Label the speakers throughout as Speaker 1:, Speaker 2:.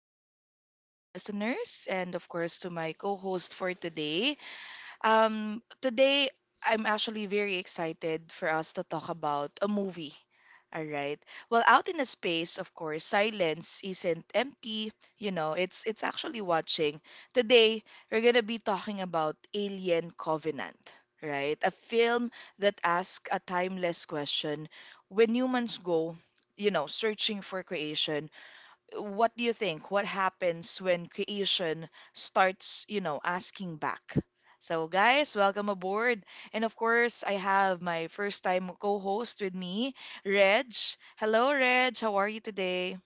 Speaker 1: Good morning to our listeners, and of course to my co host for today. Today, I'm actually very excited for us to talk about a movie. All right. Well, out in the space, of course, silence isn't empty. You know, it's actually watching. Today, we're gonna be talking about Alien Covenant, right? A film that asks a timeless question: When humans go, searching for creation, what do you think? What happens when creation starts, asking back? So, guys, welcome aboard. And of course, I have my first time co host with me, Reg. Hello, Reg. How are you today?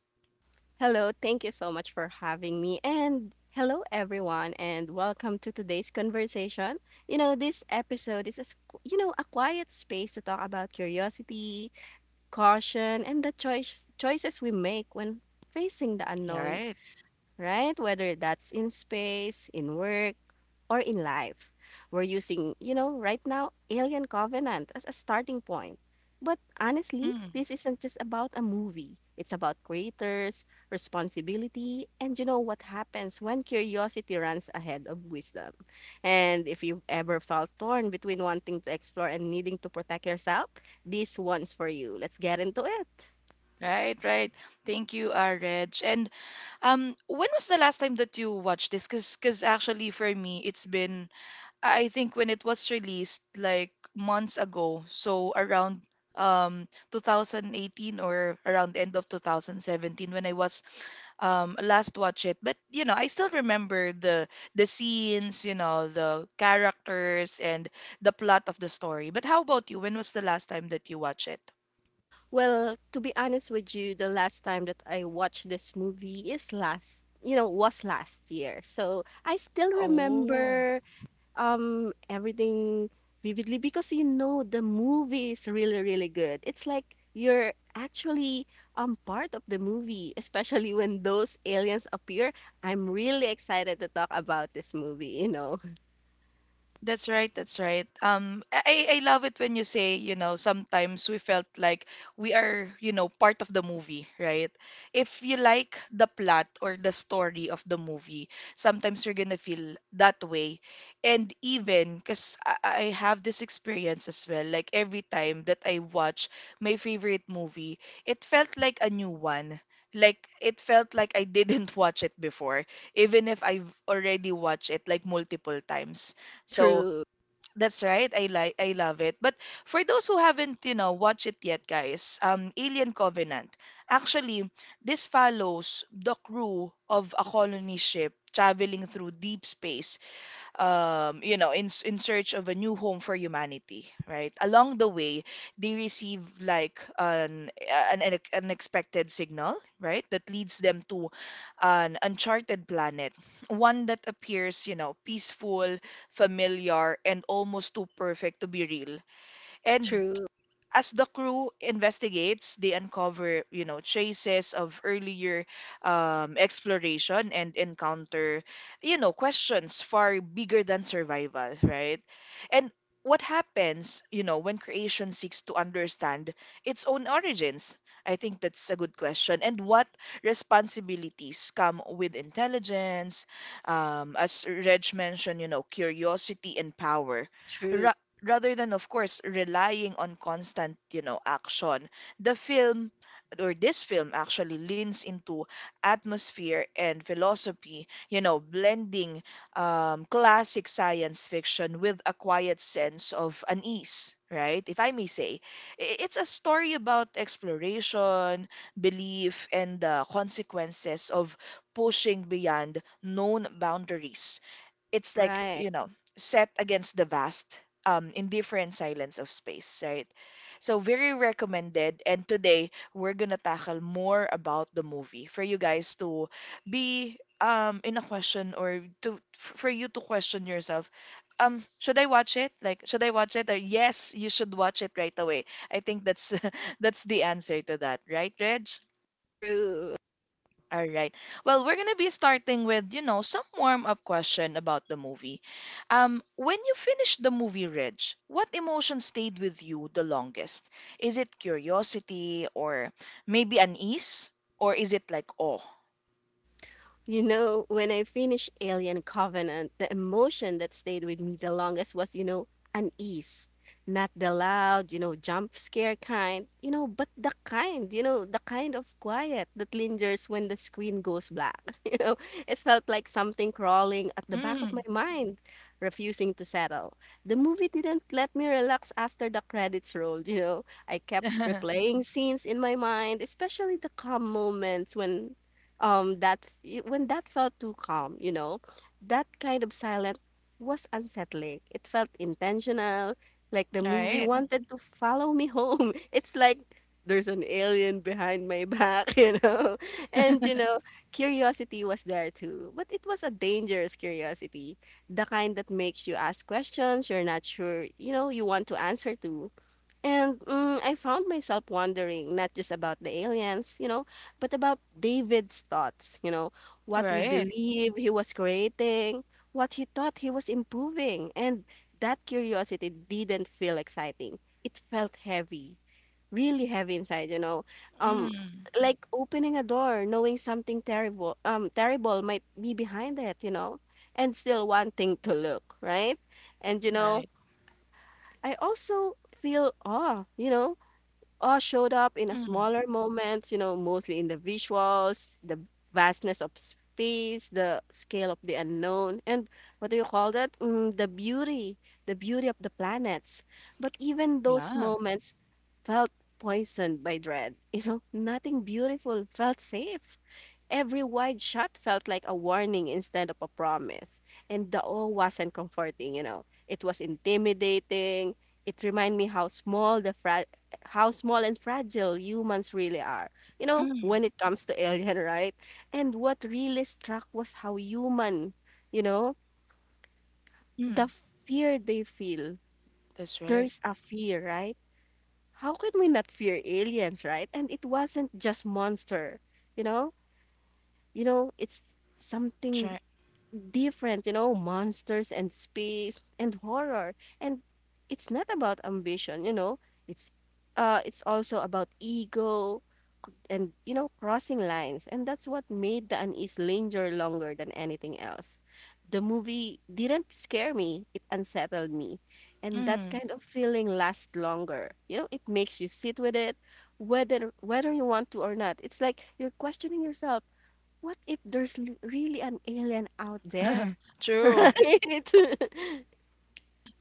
Speaker 2: Hello, thank you so much for having me. And hello, everyone, and welcome to today's conversation. This episode is, a, s- you know, a quiet space to talk about curiosity, caution, and the choices we make when facing the
Speaker 1: All
Speaker 2: unknown,
Speaker 1: right.
Speaker 2: right? Whether that's in space, in work, or in life. We're using, you know, right now, Alien Covenant as a starting point. But honestly,
Speaker 1: Mm,
Speaker 2: this isn't just about a movie. It's about creators, responsibility, and what happens when curiosity runs ahead of wisdom. And if you've ever felt torn between wanting to explore and needing to protect yourself, this one's for you. Let's get into it.
Speaker 1: right, right. Thank you, Reg. And when was the last time that you watched this? Because, cause actually, for me, it's been. I think when it was released like months ago, so around 2018 or around the end of 2017 when I was last watch it. But you know, I still remember the scenes, you know, the characters and the plot of the story. But how about you? When was the last time that you watch it?
Speaker 2: Well, to be honest with you, the last time that I watched this movie is last, you know, was last year. So I still
Speaker 1: Oh.
Speaker 2: remember everything vividly, because you know the movie is really, really good. It's like you're actually part of the movie, especially when those aliens appear. I'm really excited to talk about this movie, you know.
Speaker 1: That's right, that's right. I love it when you say, you know, sometimes we felt like we are, you know, part of the movie, right? If you like the plot or the story of the movie, sometimes you're gonna feel that way. And even, because I have this experience as well, like every time that I watch my favorite movie, it felt like a new one. Like it felt like I didn't watch it before, even if I've already watched it like multiple times. So
Speaker 2: True,
Speaker 1: that's right. I love it. But for those who haven't, you know, watched it yet, guys, Alien Covenant. Actually, this follows the crew of a colony ship traveling through deep space you know, in search of a new home for humanity, right? Along the way, they receive like an unexpected signal, right, that leads them to an uncharted planet, one that appears, you know, peaceful, familiar, and almost too perfect to be real. And
Speaker 2: true,
Speaker 1: as the crew investigates, they uncover, you know, traces of earlier exploration and encounter, you know, questions far bigger than survival, right? And what happens, you know, when creation seeks to understand its own origins? I think that's a good question. And what responsibilities come with intelligence? As Reg mentioned, you know, curiosity and power
Speaker 2: true.
Speaker 1: ra- rather than of course relying on constant, you know, action. The film or this film actually leans into atmosphere and philosophy, you know, blending classic science fiction with a quiet sense of unease, right, if I may say. It's a story about exploration, belief, and the consequences of pushing beyond known boundaries. It's like,
Speaker 2: Right.
Speaker 1: you know, set against the vast indifferent silence of space, right? So very recommended, and today we're gonna tackle more about the movie for you guys to be in a question or for you to question yourself, should I watch it? Like, should I watch it, or yes, you should watch it right away. I think that's that's the answer to that, right, Reg?
Speaker 2: True.
Speaker 1: All right. Well, we're gonna be starting with, you know, some warm-up question about the movie. When you finished the movie, Reg, what emotion stayed with you the longest? Is it curiosity, or maybe unease? Or is it like awe?
Speaker 2: You know, when I finished Alien Covenant, the emotion that stayed with me the longest was, you know, unease. Not the loud, you know, jump scare kind, you know, but the kind of quiet that lingers when the screen goes black. You know, it felt like something crawling at the back of
Speaker 1: Mm.
Speaker 2: my mind, refusing to settle. The movie didn't let me relax after the credits rolled, you know. I kept replaying scenes in my mind, especially the calm moments when that y- when that felt too calm, you know, that kind of silence was unsettling. It felt intentional, like the movie
Speaker 1: Right.
Speaker 2: wanted to follow me home. It's like there's an alien behind my back. You know, and you know, curiosity was there too, but it was a dangerous curiosity, the kind that makes you ask questions you're not sure you want to answer to. I found myself wondering not just about the aliens, you know, but about David's thoughts, you know, what we
Speaker 1: Right.
Speaker 2: believe he was creating, what he thought he was improving. And that curiosity didn't feel exciting. It felt heavy, really heavy inside, you know. Um,
Speaker 1: Mm.
Speaker 2: like opening a door, knowing something terrible might be behind it, you know, and still wanting to look, right? And you know,
Speaker 1: Right.
Speaker 2: I also feel awe, you know, all showed up in a
Speaker 1: Mm.
Speaker 2: smaller moments, you know, mostly in the visuals, the vastness of space, the scale of the unknown, and what do you call that? The beauty of the planets. But even those
Speaker 1: Yeah.
Speaker 2: moments felt poisoned by dread. You know, nothing beautiful felt safe. Every wide shot felt like a warning instead of a promise. And the awe wasn't comforting, you know. It was intimidating. It reminded me how small and fragile humans really are. You know,
Speaker 1: Mm.
Speaker 2: when it comes to alien, right? And what really struck was how human, you know,
Speaker 1: Mm.
Speaker 2: the fear they feel.
Speaker 1: That's right.
Speaker 2: There's a fear, right? How can we not fear aliens, right? And it wasn't just monster, you know? You know, it's something
Speaker 1: Try.
Speaker 2: different, you know, monsters and space and horror. And it's not about ambition, you know. It's it's also about ego, and you know, crossing lines. And that's what made the unease linger longer than anything else. The movie didn't scare me, it unsettled me. And that
Speaker 1: Mm.
Speaker 2: kind of feeling lasts longer, you know. It makes you sit with it, whether you want to or not. It's like you're questioning yourself, what if there's really an alien out there?
Speaker 1: True.
Speaker 2: Right.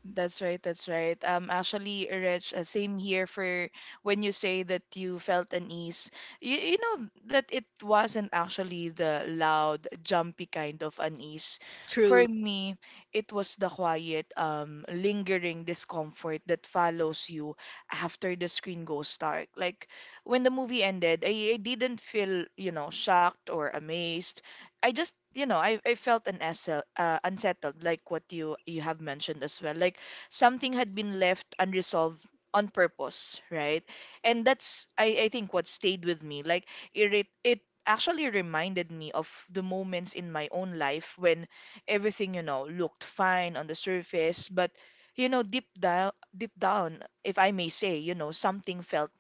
Speaker 1: That's right, that's right. Actually, Rich, same here for when you say that you felt an ease. You know that it wasn't actually the loud, jumpy kind of unease. For
Speaker 2: True.
Speaker 1: me, it was the quiet, lingering discomfort that follows you after the screen goes dark. Like when the movie ended, I didn't feel, you know, shocked or amazed. I just, you know, I felt an unsettled, like what you have mentioned as well. Like something had been left unresolved on purpose, right? And that's, I think, what stayed with me. Like it actually reminded me of the moments in my own life when everything, you know, looked fine on the surface, but you know, deep down, if I may say, you know, something felt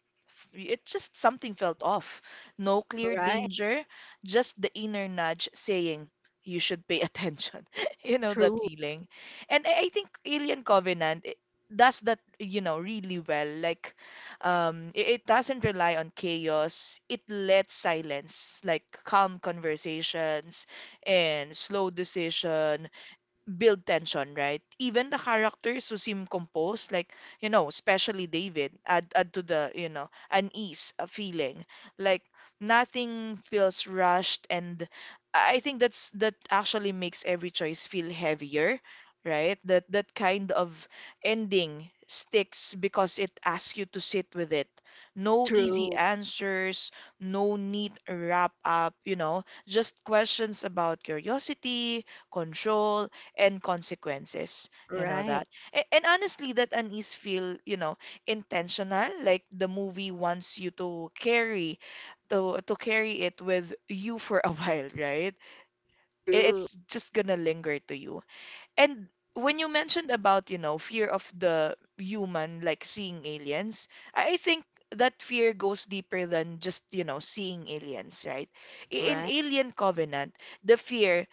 Speaker 1: it just something felt off. No clear
Speaker 2: Right.
Speaker 1: danger, just the inner nudge saying you should pay attention. You know that
Speaker 2: True.
Speaker 1: feeling. And I think Alien Covenant does that, you know, really well. Like, it doesn't rely on chaos. It lets silence, like calm conversations and slow decision build tension, right? Even the characters who seem composed, like, you know, especially David, add to the, you know, unease a feeling. Like nothing feels rushed, and I think that actually makes every choice feel heavier, right? That kind of ending sticks because it asks you to sit with it. No easy
Speaker 2: True.
Speaker 1: answers, no neat wrap up, you know, just questions about curiosity, control, and consequences, you know
Speaker 2: Right.
Speaker 1: that. And honestly that unease feel, you know, intentional, like the movie wants you to carry it with you for a while, right?
Speaker 2: True.
Speaker 1: It's just gonna linger to you. And when you mentioned about, you know, fear of the human, like seeing aliens, I think that fear goes deeper than just, you know, seeing aliens, right? In
Speaker 2: Right.
Speaker 1: Alien Covenant, the fear,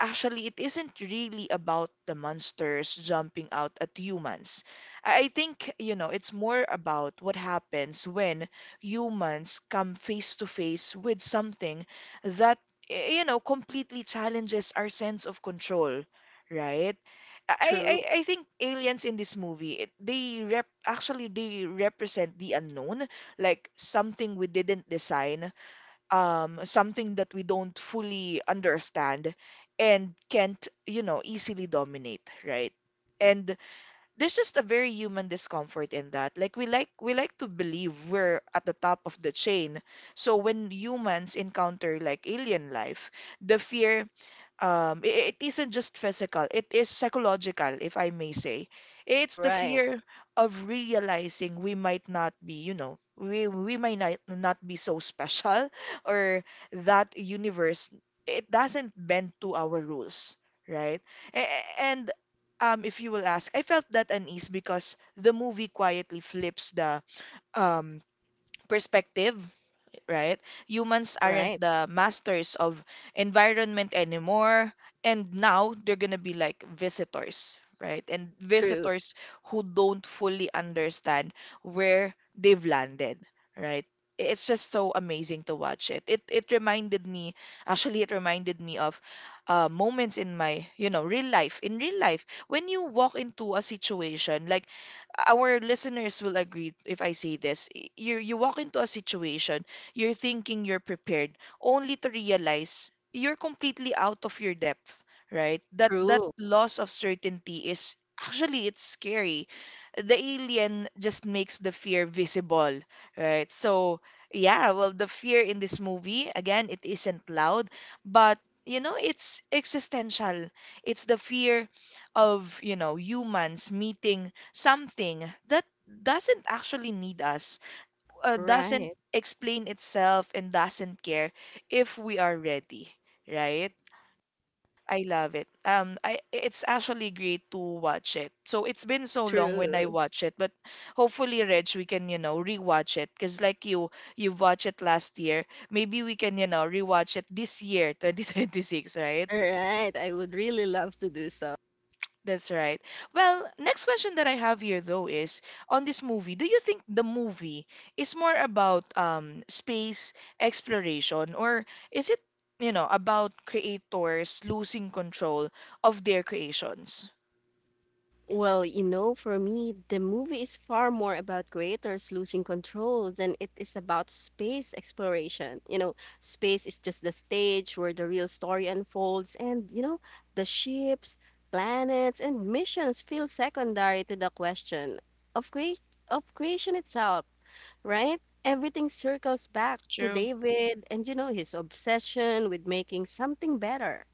Speaker 1: actually, it isn't really about the monsters jumping out at humans. I think, you know, it's more about what happens when humans come face to face with something that, you know, completely challenges our sense of control, right? I I
Speaker 2: True.
Speaker 1: I think aliens in this movie they rep actually they represent the unknown, like something we didn't design, something that we don't fully understand, and can't, you know, easily dominate, right? And there's just a very human discomfort in that. Like we like to believe we're at the top of the chain. So when humans encounter like alien life, the fear, it isn't just physical, it is psychological, if I may say. It's the
Speaker 2: Right.
Speaker 1: fear of realizing we might not be, you know, we might not be so special, or that universe, it doesn't bend to our rules, right? And if you will ask, I felt that unease because the movie quietly flips the um perspective, right? Humans aren't
Speaker 2: Right.
Speaker 1: the masters of environment anymore, and now they're gonna be like visitors, right? And
Speaker 2: True.
Speaker 1: visitors who don't fully understand where they've landed, right? It's just so amazing to watch it. It reminded me, actually, it reminded me of moments in my, you know, real life. In real life, when you walk into a situation, like our listeners will agree if I say this. You walk into a situation, you're thinking you're prepared, only to realize you're completely out of your depth, right? That
Speaker 2: True.
Speaker 1: loss of certainty is actually it's scary. The alien just makes the fear visible, right? So yeah, well, the fear in this movie, again, it isn't loud, but you know, it's existential. It's the fear of, you know, humans meeting something that doesn't actually need us, doesn't
Speaker 2: Right.
Speaker 1: explain itself, and doesn't care if we are ready, right? I love it. I it's actually great to watch it. So it's been so long when I
Speaker 2: True.
Speaker 1: watch it, but hopefully, Reg, we can, you know, rewatch it. Cause like you watched it last year. Maybe we can, you know, rewatch it this year, 2026, right?
Speaker 2: Right. I would really love to do so.
Speaker 1: That's right. Well, next question that I have here though is on this movie, do you think the movie is more about space exploration or is it, you know, about creators losing control of their creations?
Speaker 2: Well, you know, for me, the movie is far more about creators losing control than it is about space exploration. You know, space is just the stage where the real story unfolds, and, you know, the ships, planets, and missions feel secondary to the question of, crea- of creation itself, right? Everything circles back to
Speaker 1: True.
Speaker 2: David and, you know, his obsession with making something better.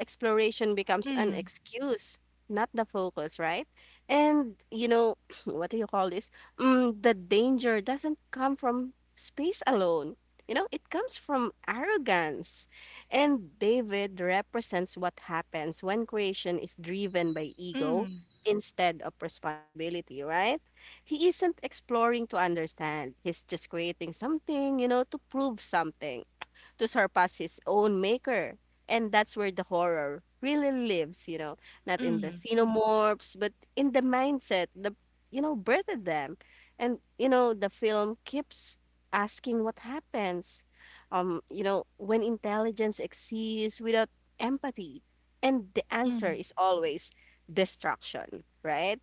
Speaker 2: Exploration becomes an
Speaker 1: Mm,
Speaker 2: excuse, not the focus, right? And you know, what do you call this? Mm, the danger doesn't come from space alone. You know, it comes from arrogance. And David represents what happens when creation is driven by ego
Speaker 1: mm,
Speaker 2: instead of responsibility, right? He isn't exploring to understand. He's just creating something, you know, to prove something, to surpass his own maker. And that's where the horror really lives, you know, not in the
Speaker 1: mm,
Speaker 2: xenomorphs, but in the mindset, the, you know, birthed them. And, you know, the film keeps asking what happens, you know, when intelligence exists without empathy. And the answer
Speaker 1: mm,
Speaker 2: is always destruction, right?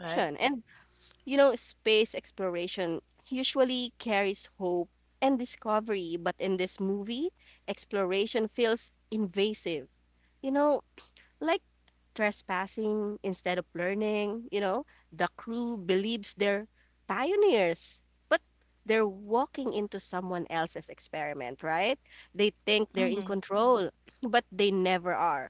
Speaker 1: right.
Speaker 2: And you know, space exploration usually carries hope and discovery, but in this movie, exploration feels invasive. You know, like trespassing instead of learning. You know, the crew believes they're pioneers, but they're walking into someone else's experiment, right? They think they're in
Speaker 1: Mm,
Speaker 2: control, but they never are.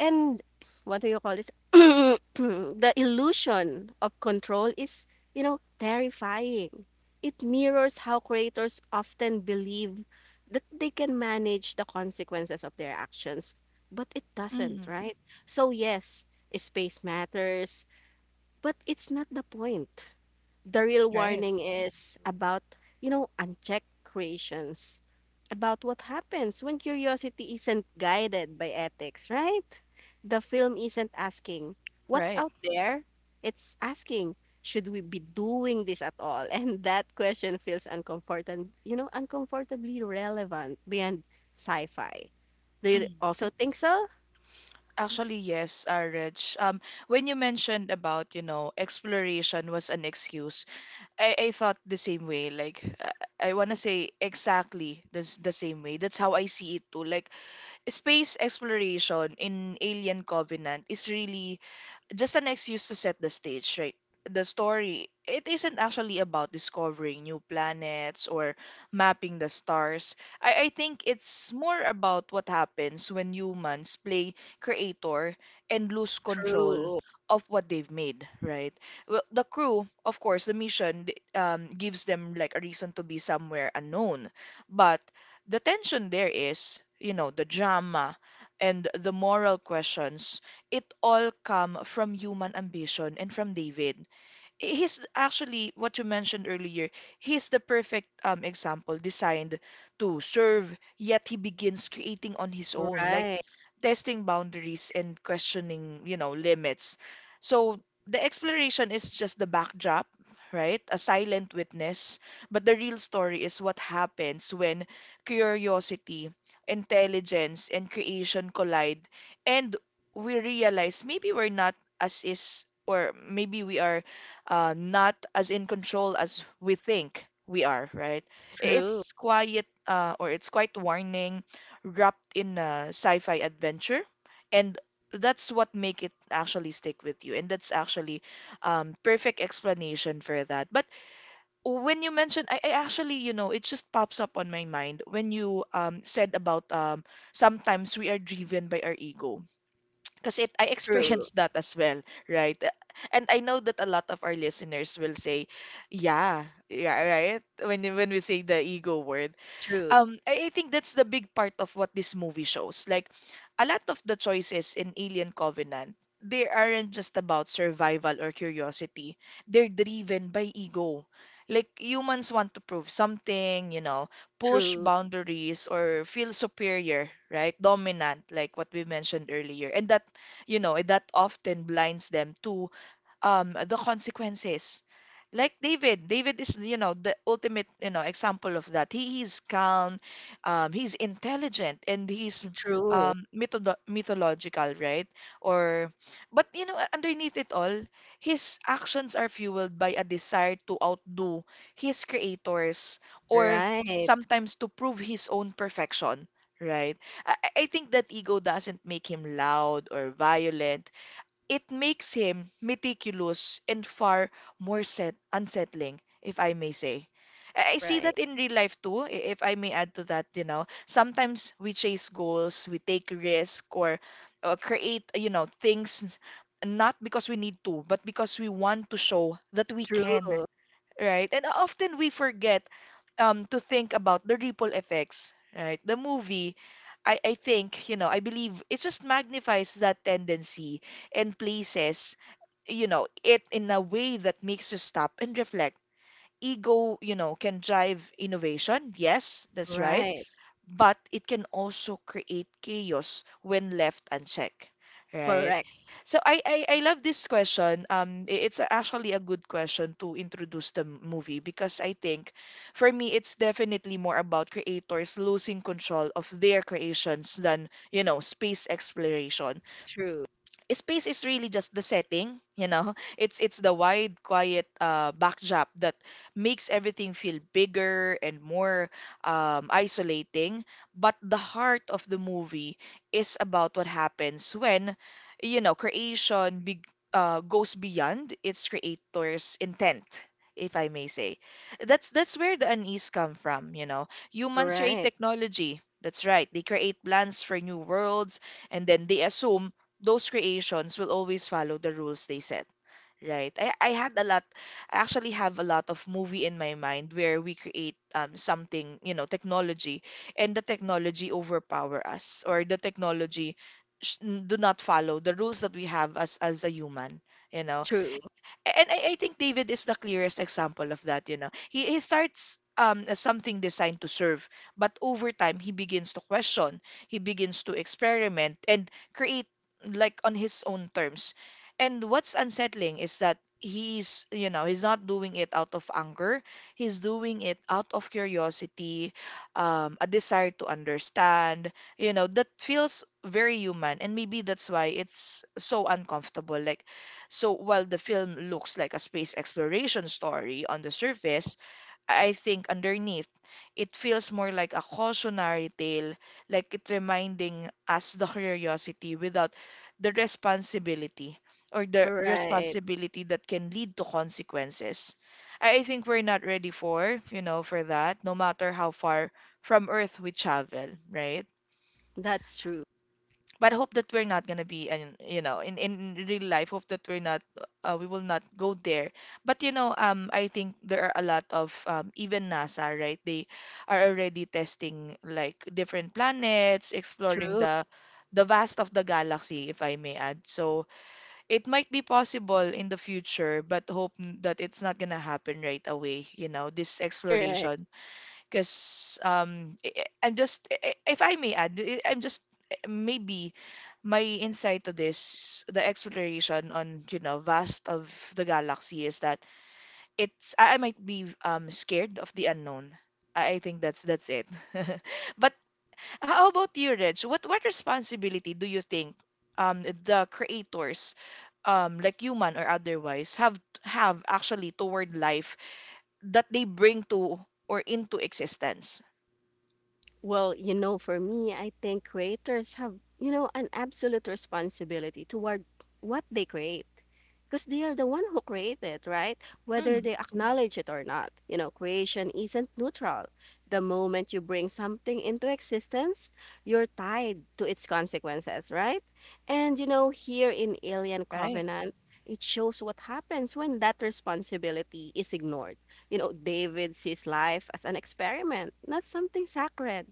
Speaker 2: And what do you call this? The illusion of control is, you know, terrifying. It mirrors how creators often believe that they can manage the consequences of their actions, but it doesn't,
Speaker 1: mm,
Speaker 2: right? So, yes, space matters, but it's not the point. The real
Speaker 1: right,
Speaker 2: warning is about, you know, unchecked creations, about what happens when curiosity isn't guided by ethics, right? The film isn't asking, what's
Speaker 1: right.
Speaker 2: out there? It's asking, should we be doing this at all? And that question feels uncomfortable, you know, uncomfortably relevant beyond sci-fi. Do you
Speaker 1: Mm.
Speaker 2: also think so?
Speaker 1: Actually, yes, Reg. When you mentioned about, you know, exploration was an excuse, I thought the same way. Like, I want to say exactly this, the same way. That's how I see it too. Like, space exploration in Alien Covenant is really just an excuse to set the stage, right? The story, it isn't actually about discovering new planets or mapping the stars. I think it's more about what happens when humans play creator and lose control
Speaker 2: True.
Speaker 1: of what they've made, right? Well, the crew, of course, the mission gives them like a reason to be somewhere unknown. But the tension there is, you know, the drama and the moral questions, it all come from human ambition and from David. He's actually what you mentioned earlier. He's the perfect example designed to serve, yet he begins creating on his own, like
Speaker 2: Right.
Speaker 1: testing boundaries and questioning, you know, limits. So the exploration is just the backdrop, right? A silent witness, but the real story is what happens when curiosity, intelligence, and creation collide, and we realize maybe we're not as is, or maybe we are not as in control as we think we are, right?
Speaker 2: True.
Speaker 1: It's quiet or it's quite warning wrapped in a sci-fi adventure, and that's what make it actually stick with you, and that's actually perfect explanation for that. But when you mentioned, I actually, you know, it just pops up on my mind when you said about sometimes we are driven by our ego because it I
Speaker 2: True.
Speaker 1: experienced that as well, right? And I know that a lot of our listeners will say, yeah, yeah, right? When we say the ego word,
Speaker 2: True.
Speaker 1: I think that's the big part of what this movie shows. Like, a lot of the choices in Alien Covenant, they aren't just about survival or curiosity. They're driven by ego. Like, humans want to prove something, you know, push
Speaker 2: True.
Speaker 1: boundaries or feel superior, right? Dominant, like what we mentioned earlier. And that, you know, that often blinds them to the consequences. Like David, David is, you know, the ultimate, you know, example of that. He is calm, he's intelligent, and he's
Speaker 2: True.
Speaker 1: methodo mythological, right? Or, but you know, underneath it all, his actions are fueled by a desire to outdo his creators, or
Speaker 2: Right.
Speaker 1: sometimes to prove his own perfection, right? I think that ego doesn't make him loud or violent. It makes him meticulous and far more set unsettling, if I may say. I see
Speaker 2: Right.
Speaker 1: that in real life too, if I may add to that, you know, sometimes we chase goals, we take risk or create, you know, things not because we need to, but because we want to show that we
Speaker 2: True.
Speaker 1: can right? And often we forget to think about the ripple effects, right? The movie, I think, you know, I believe it just magnifies that tendency and places, you know, it in a way that makes you stop and reflect. Ego, you know, can drive innovation. Yes, that's right
Speaker 2: Right.
Speaker 1: but it can also create chaos when left unchecked, right?
Speaker 2: Correct.
Speaker 1: So I love this question. It's actually a good question to introduce the movie because I think for me it's definitely more about creators losing control of their creations than, you know, space exploration
Speaker 2: True.
Speaker 1: space is really just the setting you know it's the wide quiet backdrop that makes everything feel bigger and more isolating but the heart of the movie is about what happens when you know creation goes beyond its creator's intent if I may say that's where the unease come from you know humans create
Speaker 2: Right.
Speaker 1: technology that's right they create plans for new worlds and then they assume those creations will always follow the rules they set, right? I actually have a lot of movie in my mind where we create something, you know, technology, and the technology overpower us, or the technology sh- do not follow the rules that we have as a human, you know.
Speaker 2: True.
Speaker 1: And I think David is the clearest example of that, you know. He starts as something designed to serve, but over time, he begins to question, he begins to experiment and create like on his own terms. And what's unsettling is that he's, you know, he's not doing it out of anger. He's doing it out of curiosity, a desire to understand, you know, that feels very human. And maybe that's why it's so uncomfortable. Like, so while the film looks like a space exploration story on the surface, I think underneath it feels more like a cautionary tale, like it reminding us the curiosity without the responsibility the
Speaker 2: Right.
Speaker 1: responsibility that can lead to consequences. I think we're not ready for, you know, for that, no matter how far from Earth we travel, right?
Speaker 2: That's true.
Speaker 1: But I hope that we're not gonna be and you know in real life hope that we're not we will not go there but you know I think there are a lot of even NASA right they are already testing like different planets exploring
Speaker 2: True.
Speaker 1: the vast of the galaxy if I may add so it might be possible in the future but hope that it's not gonna happen right away you know this
Speaker 2: Right.
Speaker 1: exploration because I'm just, if I may add, I'm just maybe my insight to this, the exploration on you know vast of the galaxy is that it's I might be scared of the unknown. I think that's it. But how about you, Reg? What responsibility do you think the creators, like human or otherwise, have actually toward life that they bring to or into existence?
Speaker 2: Well, you know, for me, I think creators have, you know, an absolute responsibility toward what they create, because they are the one who create it, right?
Speaker 1: Hmm.
Speaker 2: Whether they acknowledge it or not. You know, creation isn't neutral. The moment you bring something into existence, you're tied to its consequences, right? And you know, here in Alien
Speaker 1: Right.
Speaker 2: Covenant, it shows what happens when that responsibility is ignored. You know, David sees life as an experiment, not something sacred.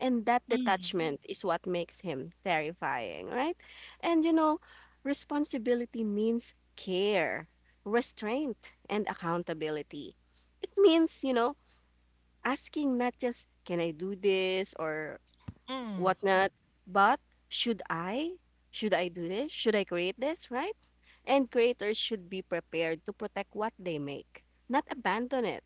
Speaker 2: And that
Speaker 1: Mm.
Speaker 2: detachment is what makes him terrifying, right? And you know, responsibility means care, restraint, and accountability. It means, you know, asking not just, can I do this or
Speaker 1: Mm.
Speaker 2: whatnot, but should I? Should I do this? Should I create this, right? And creators should be prepared to protect what they make, not abandon it.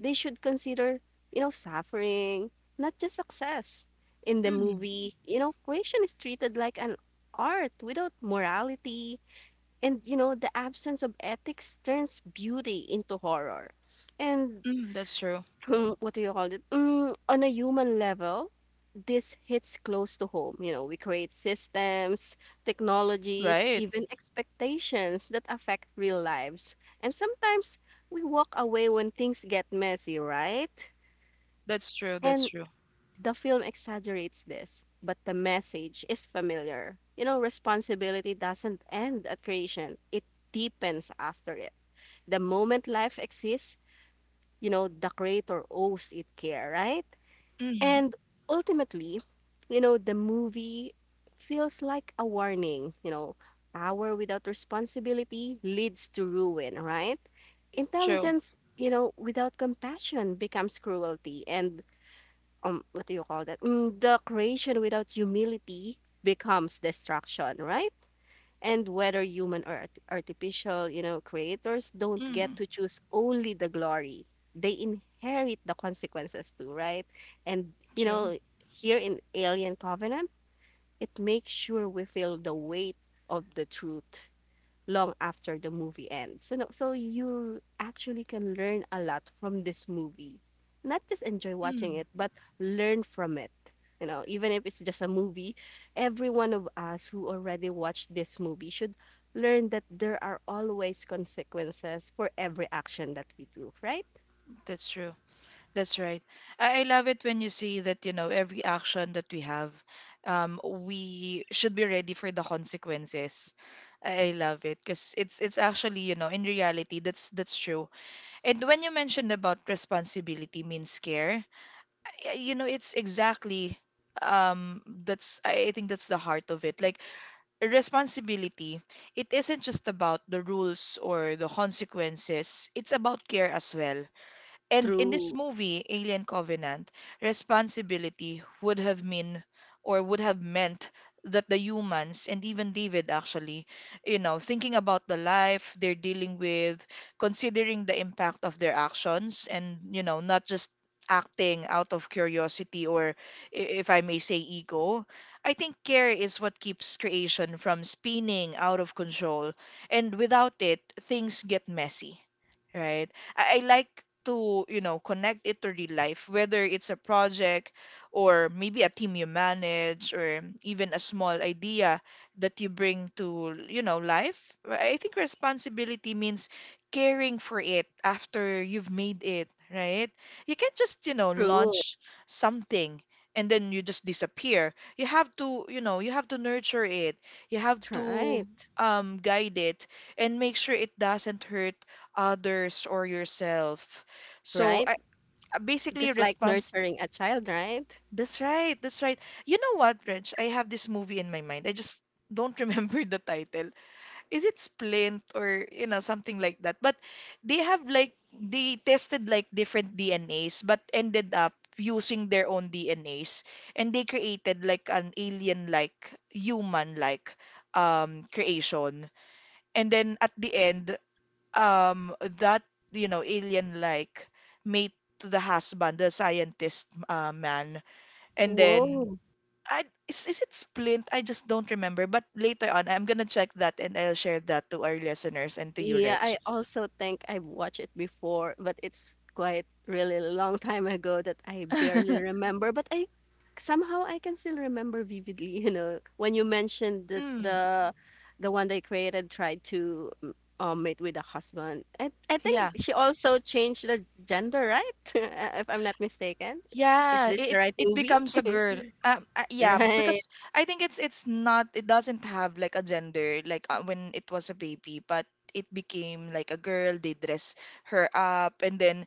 Speaker 2: They should consider, you know, suffering, not just success. In the
Speaker 1: Mm.
Speaker 2: movie, you know, creation is treated like an art without morality, and you know, the absence of ethics turns beauty into horror. And
Speaker 1: Mm. That's true.
Speaker 2: mm, what do you call it? Mm, on a human level, this hits close to home. You know, we create systems, technologies,
Speaker 1: Right.
Speaker 2: even expectations that affect real lives. And sometimes we walk away when things get messy, right?
Speaker 1: That's true. That's
Speaker 2: And
Speaker 1: true.
Speaker 2: the film exaggerates this, but the message is familiar. You know, responsibility doesn't end at creation, it deepens after it. The moment life exists, you know, the creator owes it care, right?
Speaker 1: Mm.
Speaker 2: And ultimately, you know, the movie feels like a warning, you know, power without responsibility leads to ruin, right?
Speaker 1: True.
Speaker 2: Intelligence, you know, without compassion becomes cruelty, and what do you call that? Mm, the creation without humility becomes destruction, right? And whether human or artificial, you know, creators don't get
Speaker 1: Mm.
Speaker 2: to choose only the glory. They inherit the consequences too, right? And, you
Speaker 1: True.
Speaker 2: know, here in Alien Covenant, it makes sure we feel the weight of the truth long after the movie ends. So, so you actually can learn a lot from this movie. Not just enjoy watching
Speaker 1: Mm.
Speaker 2: it, but learn from it. You know, even if it's just a movie, every one of us who already watched this movie should learn that there are always consequences for every action that we do, right?
Speaker 1: That's true. That's right. I love it when you see that, you know, every action that we have, we should be ready for the consequences. I love it because it's actually, you know, in reality, that's true. And when you mentioned about responsibility means care, yeah, you know, it's exactly that's I think that's the heart of it. Like responsibility, it isn't just about the rules or the consequences. It's about care as well. And in this
Speaker 2: True.
Speaker 1: movie, Alien Covenant, responsibility would have meant that the humans and even David actually, you know, thinking about the life they're dealing with, considering the impact of their actions and, you know, not just acting out of curiosity or if I may say ego. I think care is what keeps creation from spinning out of control, and without it, things get messy. Right. I like to, you know, connect it to real life, whether it's a project or maybe a team you manage or even a small idea that you bring to, you know, life. I think responsibility means caring for it after you've made it, right? You can't just, you know,
Speaker 2: True.
Speaker 1: launch something and then you just disappear. You have to, you know, you have to nurture it. You have to
Speaker 2: Right.
Speaker 1: guide it and make sure it doesn't hurt others or yourself. So
Speaker 2: Right.
Speaker 1: I basically
Speaker 2: Just like
Speaker 1: response
Speaker 2: nurturing a child, right?
Speaker 1: that's right, that's right. You know what, Reg? I have this movie in my mind. I just don't remember the title. Is it Splint or you know something like that? But they have like they tested like different DNAs but ended up using their own DNAs and they created like an alien like human like creation. And then at the end that you know alien like mate to the husband the scientist man and then
Speaker 2: Whoa.
Speaker 1: I is it Splint I just don't remember but later on I'm gonna check that and I'll share that to our listeners and to you
Speaker 2: Yeah,
Speaker 1: Reg
Speaker 2: I also think I've watched it before, but it's quite really long time ago that I barely remember. But I somehow I can still remember vividly, you know, when you mentioned that
Speaker 1: mm,
Speaker 2: the one they created tried to mate with a husband. I
Speaker 1: yeah
Speaker 2: think she also changed the gender, right? If I'm not mistaken. Is
Speaker 1: yeah
Speaker 2: this the
Speaker 1: it
Speaker 2: right
Speaker 1: it
Speaker 2: movie?
Speaker 1: becomes a girl yeah
Speaker 2: Right,
Speaker 1: because I think it's not it doesn't have like a gender like when it was a baby but it became like a girl they dress her up and then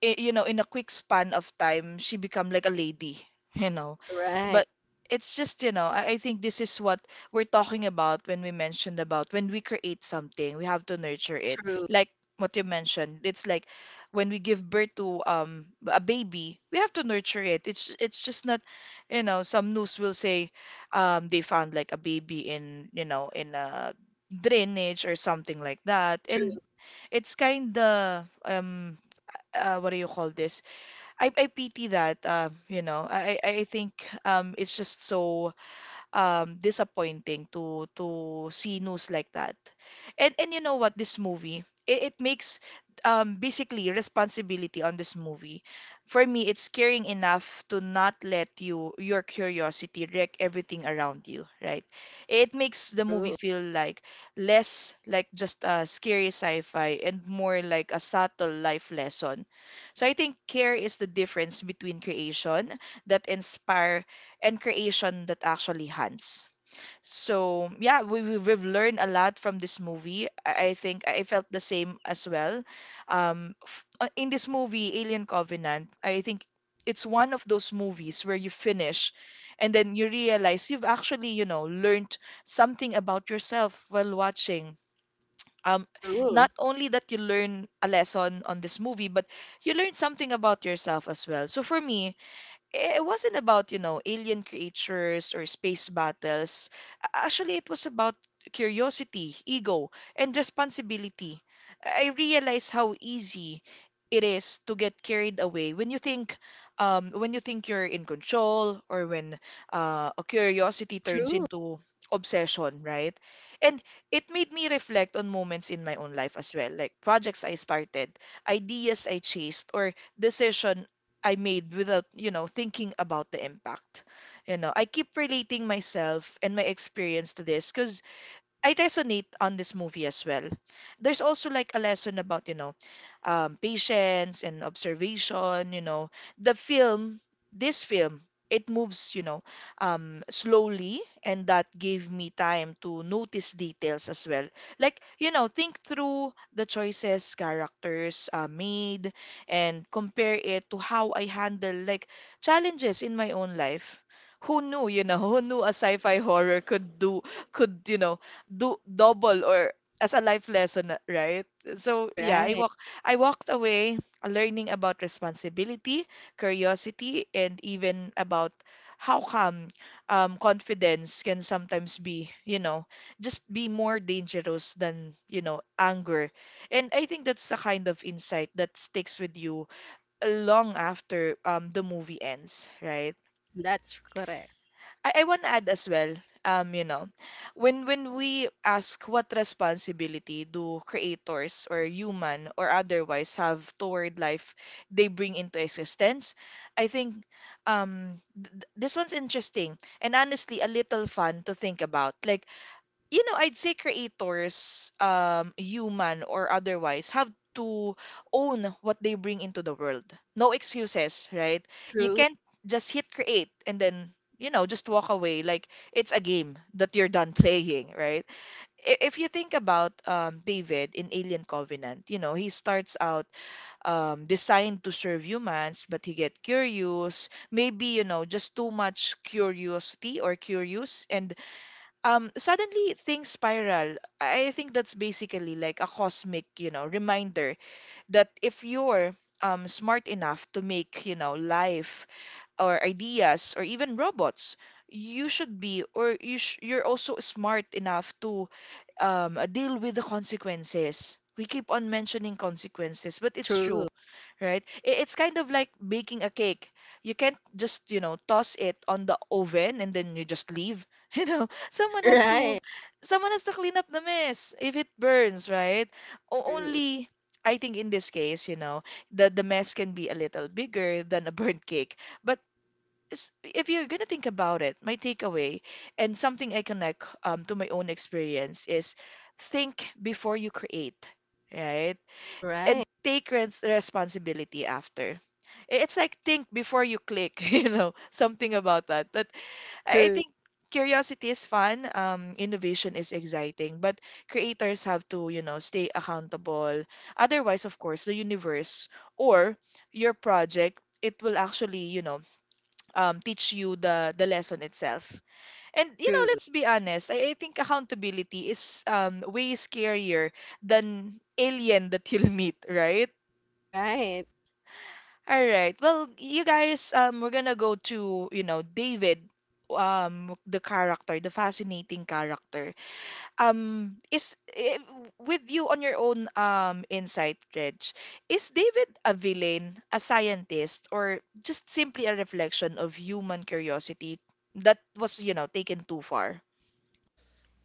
Speaker 1: you know in a quick span of time she become like a lady you know
Speaker 2: right.
Speaker 1: but it's just you know I think this is what we're talking about when we mentioned about when we create something we have to nurture it
Speaker 2: True,
Speaker 1: like what you mentioned it's like when we give birth to a baby we have to nurture it it's just not you know some news will say they found like a baby in you know in a drainage or something like that
Speaker 2: true,
Speaker 1: and it's kind of what do you call this? I pity that, you know. I think it's just so disappointing to see news like that. And you know what, this movie, it makes basically responsibility on this movie. For me, it's caring enough to not let you your curiosity wreck everything around you, right? It makes the movie
Speaker 2: true,
Speaker 1: feel like less like just a scary sci-fi and more like a subtle life lesson. So I think care is the difference between creation that inspire and creation that actually hunts. So yeah, we've learned a lot from this movie. I think I felt the same as well. In this movie, Alien Covenant, I think it's one of those movies where you finish and then you realize you've actually, you know, learned something about yourself while watching. Um,
Speaker 2: true.
Speaker 1: not only that you learn a lesson on this movie, but you learn something about yourself as well. So for me, it wasn't about, you know, alien creatures or space battles. Actually, it was about curiosity, ego, and responsibility. I realize
Speaker 2: Right,
Speaker 1: how easy it is to get carried away when you think when you think you're in control or when a curiosity turns
Speaker 2: true,
Speaker 1: into obsession, right? And it made me reflect on moments in my own life as well, like projects I started, ideas I chased, or decision I made without, you know, thinking about the impact. You know, I keep relating myself and my experience to this because I resonate on this movie as well. There's also like a lesson about, you know, patience and observation, you know. The film, this film, it moves, you know, slowly, and that gave me time to notice details as well. Like, you know, think through the choices characters made and compare it to how I handle like challenges in my own life. Who knew, you know, who knew a sci-fi horror could you know, do double or as a life lesson, right? So yeah,
Speaker 2: right.
Speaker 1: I walked away learning about responsibility, curiosity, and even about how come confidence can sometimes be, you know, just be more dangerous than, you know, anger. And I think that's the kind of insight that sticks with you long after the movie ends, right?
Speaker 2: That's correct.
Speaker 1: I want to add as well, you know, when we ask what responsibility do creators or human or otherwise have toward life they bring into existence, I think this one's interesting and honestly a little fun to think about. Like you know, I'd say creators, human or otherwise, have to own what they bring into the world. No excuses, right? You
Speaker 2: True,
Speaker 1: can't just hit create and then, you know, just walk away like it's a game that you're done playing, right? If you think about David in Alien Covenant, you know, he starts out designed to serve humans, but he get curious, maybe, you know, just too much curiosity or curious, and suddenly things spiral I think that's basically like a cosmic, you know, reminder that if you're smart enough to make, you know, life or ideas or even robots, you should be or you're also smart enough to deal with the consequences. We keep on mentioning consequences, but it's
Speaker 2: true.
Speaker 1: true, right? It's kind of like baking a cake. You can't just, you know, toss it on the oven and then you just leave. You know,
Speaker 2: Right.
Speaker 1: someone has to clean up the mess if it burns, right? O-
Speaker 2: True.
Speaker 1: only, I think in this case, you know, the mess can be a little bigger than a burnt cake, but if you're gonna think about it, my takeaway and something I connect to my own experience is think before you create, right? And
Speaker 2: Right.
Speaker 1: take res responsibility after. It's like think before you click, you know, something about that. But I
Speaker 2: True.
Speaker 1: think curiosity is fun, innovation is exciting, but creators have to, you know, stay accountable. Otherwise, of course, the universe or your project, it will actually, you know, teach you the lesson itself. And you know,
Speaker 2: True.
Speaker 1: let's be honest, I think accountability is way scarier than alien that you'll meet, right?
Speaker 2: Right.
Speaker 1: All right. Well, you guys, we're gonna go to, you know, David, the character, the fascinating character is with you on your own insight, Reg. Is David a villain, a scientist, or just simply a reflection of human curiosity that was, you know, taken too far?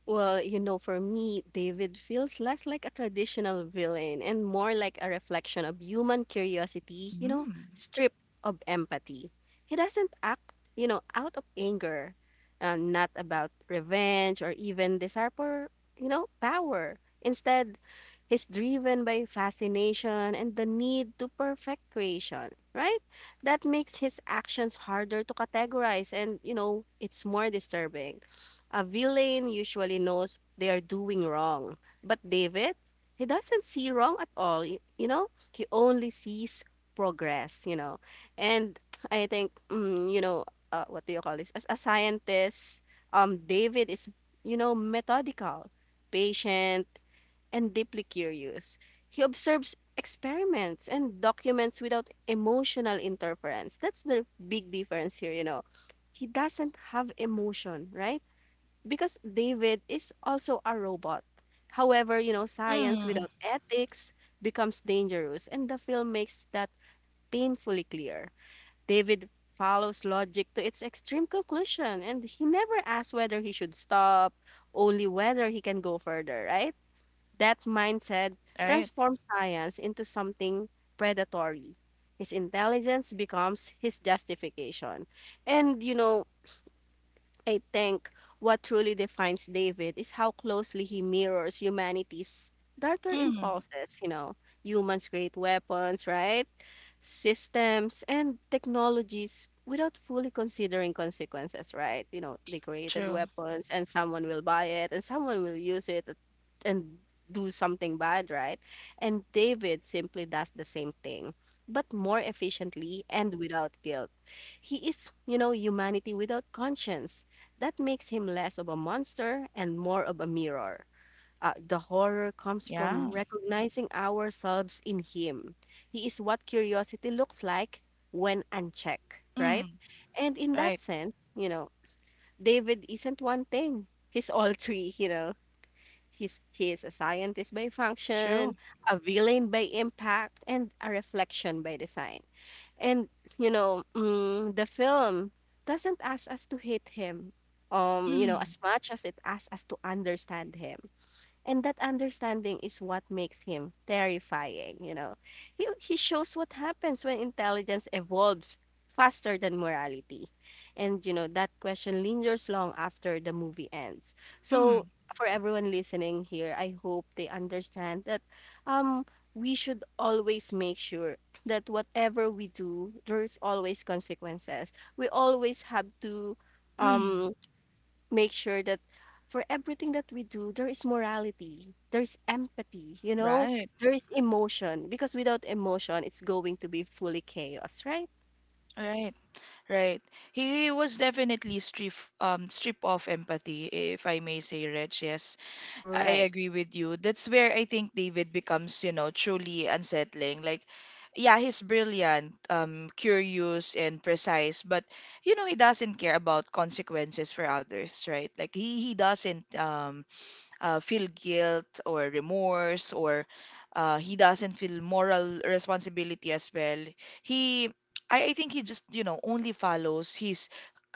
Speaker 2: Well, you know, for me, David feels less like a traditional villain and more like a reflection of human curiosity, you know,
Speaker 1: Mm.
Speaker 2: stripped of empathy. He doesn't act, out of anger, not about revenge or even desire for, power. Instead, he's driven by fascination and the need to perfect creation, right? That makes his actions harder to categorize and, it's more disturbing. A villain usually knows they are doing wrong. But David, he doesn't see wrong at all. He only sees progress. And I think, what do you call this? As a scientist, David is, methodical, patient, and deeply curious. He observes experiments and documents without emotional interference. That's the big difference here. He doesn't have emotion, right? Because David is also a robot. However, science
Speaker 1: Mm.
Speaker 2: without ethics becomes dangerous, and the film makes that painfully clear. David follows logic to its extreme conclusion, and he never asks whether he should stop, only whether he can go further, right? That mindset
Speaker 1: Right.
Speaker 2: transforms science into something predatory. His intelligence becomes his justification. And, I think what truly defines David is how closely he mirrors humanity's darker
Speaker 1: Mm.
Speaker 2: impulses. Humans create weapons, right? Systems and technologies without fully considering consequences, right? You know, they created
Speaker 1: True.
Speaker 2: weapons and someone will buy it and someone will use it and do something bad, right? And David simply does the same thing, but more efficiently and without guilt. He is, humanity without conscience. That makes him less of a monster and more of a mirror. The horror comes from
Speaker 1: Yeah.
Speaker 2: recognizing ourselves in him. He is what curiosity looks like when unchecked, right?
Speaker 1: Mm.
Speaker 2: And in that
Speaker 1: Right.
Speaker 2: sense, David isn't one thing. He's all three. He is a scientist by
Speaker 1: True.
Speaker 2: function, a villain by impact, and a reflection by design. And the film doesn't ask us to hate him,
Speaker 1: Mm.
Speaker 2: as much as it asks us to understand him. And that understanding is what makes him terrifying. He shows what happens when intelligence evolves faster than morality. And, that question lingers long after the movie ends.
Speaker 1: Mm.
Speaker 2: So, for everyone listening here, I hope they understand that um, we should always make sure that whatever we do, there's always consequences. We always have to
Speaker 1: Mm.
Speaker 2: um make sure that for everything that we do, there is morality, there's empathy,
Speaker 1: Right.
Speaker 2: there is emotion. Because without emotion, it's going to be fully chaos, right?
Speaker 1: Right. Right, he was definitely strip strip off empathy, if I may say, Reg. Yes,
Speaker 2: Right,
Speaker 1: I agree with you. That's where I think David becomes, you know, truly unsettling. Like, yeah, he's brilliant, curious and precise, but you know, he doesn't care about consequences for others, right? Like he doesn't feel guilt or remorse or he doesn't feel moral responsibility as well. He I think he just, you know, only follows his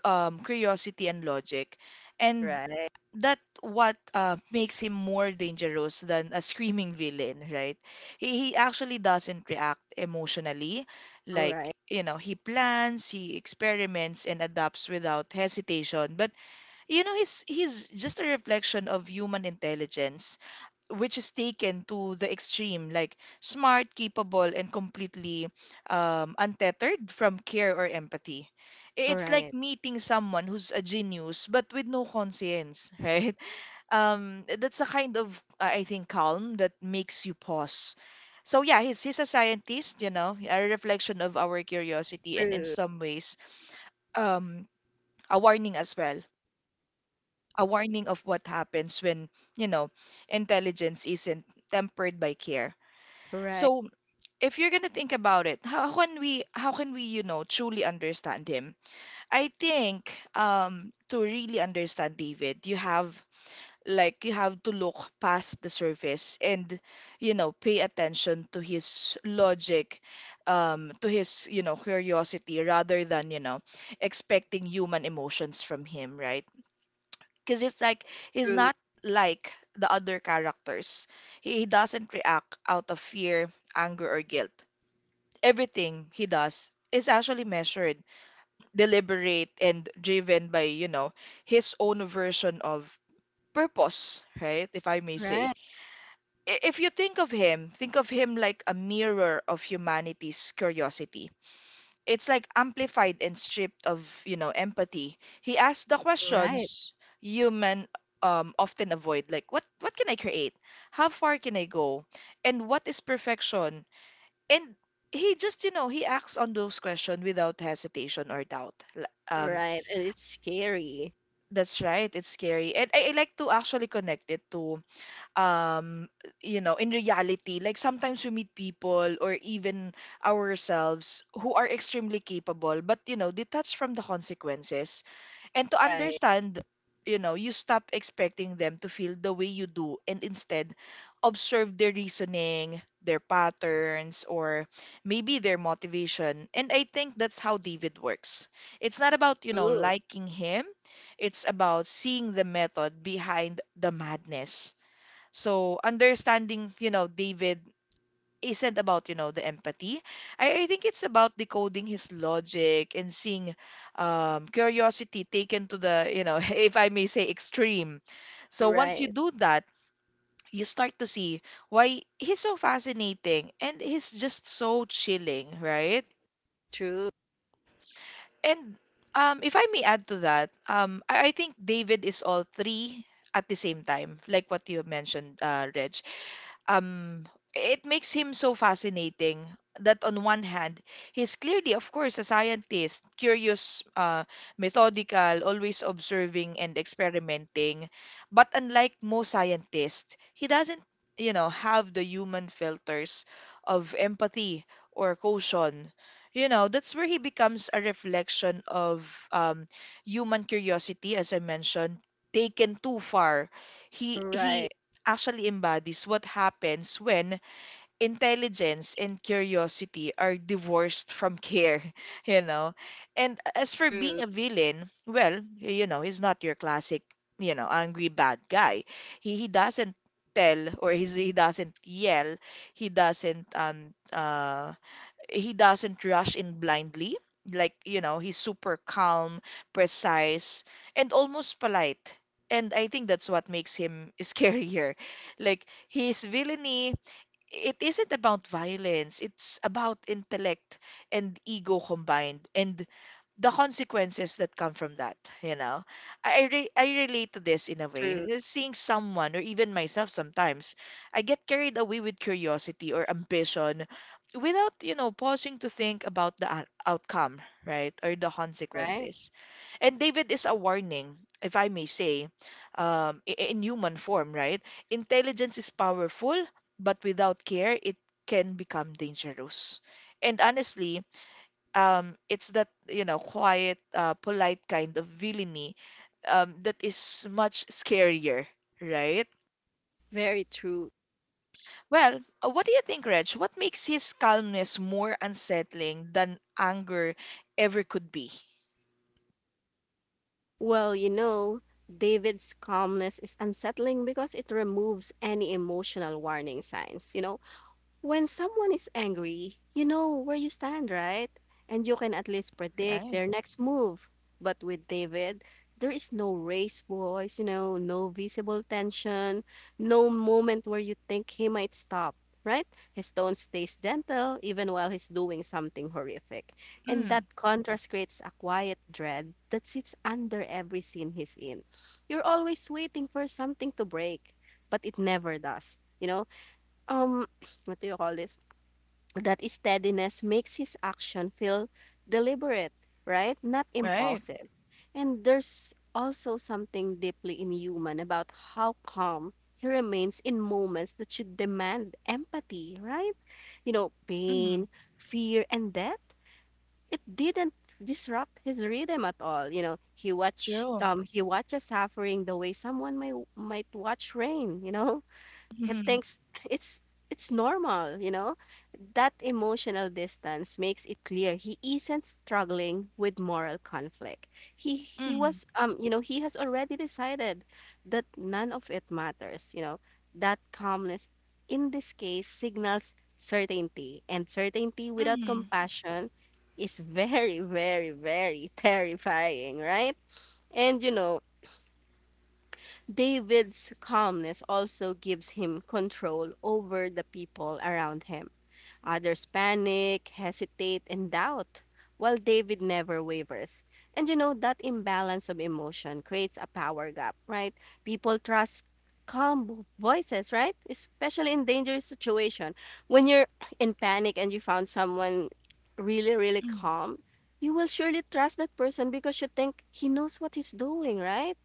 Speaker 1: curiosity and logic. And
Speaker 2: right,
Speaker 1: that what makes him more dangerous than a screaming villain, right? He actually doesn't react emotionally.
Speaker 2: right,
Speaker 1: Like, you know, he plans, he experiments, and adapts without hesitation. But, you know, he's just a reflection of human intelligence, which is taken to the extreme, like smart, capable, and completely untethered from care or empathy. It's
Speaker 2: right.
Speaker 1: like meeting someone who's a genius but with no conscience, right? That's a kind of I think calm that makes you pause. So yeah, he's a scientist, you know, a reflection of our curiosity and in
Speaker 2: True,
Speaker 1: some ways um a warning as well. A warning of what happens when, you know, intelligence isn't tempered by care.
Speaker 2: right,
Speaker 1: So if you're gonna think about it, how can we, you know, truly understand him? I think to really understand David, you have Like you have to look past the surface and, you know, pay attention to his logic, to his, you know, curiosity rather than, you know, expecting human emotions from him, right? Because it's like he's
Speaker 2: true,
Speaker 1: not like the other characters. He doesn't react out of fear, anger, or guilt. Everything he does is actually measured, deliberate, and driven by, you know, his own version of purpose, right? If I may
Speaker 2: right,
Speaker 1: say if you think of him like a mirror of humanity's curiosity. It's like amplified and stripped of, you know, empathy. He asks the
Speaker 2: right,
Speaker 1: questions human often avoid, like what can I create? How far can I go? And what is perfection? And he just, you know, he acts on those questions without hesitation or doubt.
Speaker 2: right. And it's scary.
Speaker 1: That's right. It's scary, and I like to actually connect it to um you know in reality, like sometimes we meet people or even ourselves who are extremely capable but you know detached from the consequences, and to
Speaker 2: Right,
Speaker 1: understand, you know, you stop expecting them to feel the way you do and instead observe their reasoning, their patterns, or maybe their motivation. And I think that's how David works. It's not about, you know,
Speaker 2: true,
Speaker 1: liking him. It's about seeing the method behind the madness. So understanding, you know, David isn't about, you know, the empathy. I think it's about decoding his logic and seeing curiosity taken to the, you know, if I may say, extreme. So once you
Speaker 2: right,
Speaker 1: do that, you start to see why he's so fascinating and he's just so chilling, right?
Speaker 2: true,
Speaker 1: And if I may add to that, I think David is all three at the same time, like what you mentioned, Reg. um it makes him so fascinating that on one hand he's clearly of course a scientist, curious, methodical, always observing and experimenting, but unlike most scientists he doesn't, you know, have the human filters of empathy or caution, you know. That's where he becomes a reflection of um, human curiosity, as I mentioned, taken too far. He
Speaker 2: right,
Speaker 1: actually embodies what happens when intelligence and curiosity are divorced from care, you know. And as for
Speaker 2: true,
Speaker 1: being a villain, well, you know, he's not your classic, you know, angry bad guy. He doesn't tell, or he doesn't yell. He doesn't um uh he doesn't rush in blindly. Like, you know, he's super calm, precise, and almost polite. And I think that's what makes him scarier. Like, his villainy, it isn't about violence, it's about intellect and ego combined. And the consequences that come from that, you know. I relate to this in a way.
Speaker 2: true,
Speaker 1: Seeing someone or even myself sometimes, I get carried away with curiosity or ambition without, you know, pausing to think about the outcome, right? Or the
Speaker 2: right.
Speaker 1: consequences. And David is a warning, if I may say, in human form, right? Intelligence is powerful, but without care, it can become dangerous. And honestly, it's that, you know, quiet, polite kind of villainy that is much scarier, right?
Speaker 2: Very true.
Speaker 1: Well, what do you think, Reg? What makes his calmness more unsettling than anger ever could be?
Speaker 2: Well, David's calmness is unsettling because it removes any emotional warning signs. You know, when someone is angry, you know where you stand, right? And you can at least predict
Speaker 1: Right.
Speaker 2: their next move. But with David, there is no raised voice, no visible tension, no moment where you think he might stop, right? His tone stays gentle even while he's doing something horrific. And that
Speaker 1: Mm.
Speaker 2: contrast creates a quiet dread that sits under every scene he's in. You're always waiting for something to break, but it never does. Um, what do you call this? That steadiness makes his action feel deliberate, right? Not
Speaker 1: Right.
Speaker 2: impulsive. And there's also something deeply inhuman about how calm he remains in moments that should demand empathy, right? You know,
Speaker 1: Mm.
Speaker 2: pain, fear, and death. It didn't disrupt his rhythm at all. He watch
Speaker 1: True.
Speaker 2: um he watches suffering the way someone may might watch rain, you know? It
Speaker 1: Mm.
Speaker 2: thinks it's it's normal, you know? That emotional distance makes it clear he isn't struggling with moral conflict. He
Speaker 1: Mm.
Speaker 2: was you know, he has already decided that none of it matters, That calmness in this case signals certainty and certainty without
Speaker 1: Mm.
Speaker 2: compassion is very very very terrifying, right? And David's calmness also gives him control over the people around him. Others panic, hesitate, and doubt, while David never wavers. And that imbalance of emotion creates a power gap, right? People trust calm voices, right? Especially in dangerous situation. When you're in panic and you found someone really, really
Speaker 1: Mm.
Speaker 2: calm, you will surely trust that person because you think he knows what he's doing, right?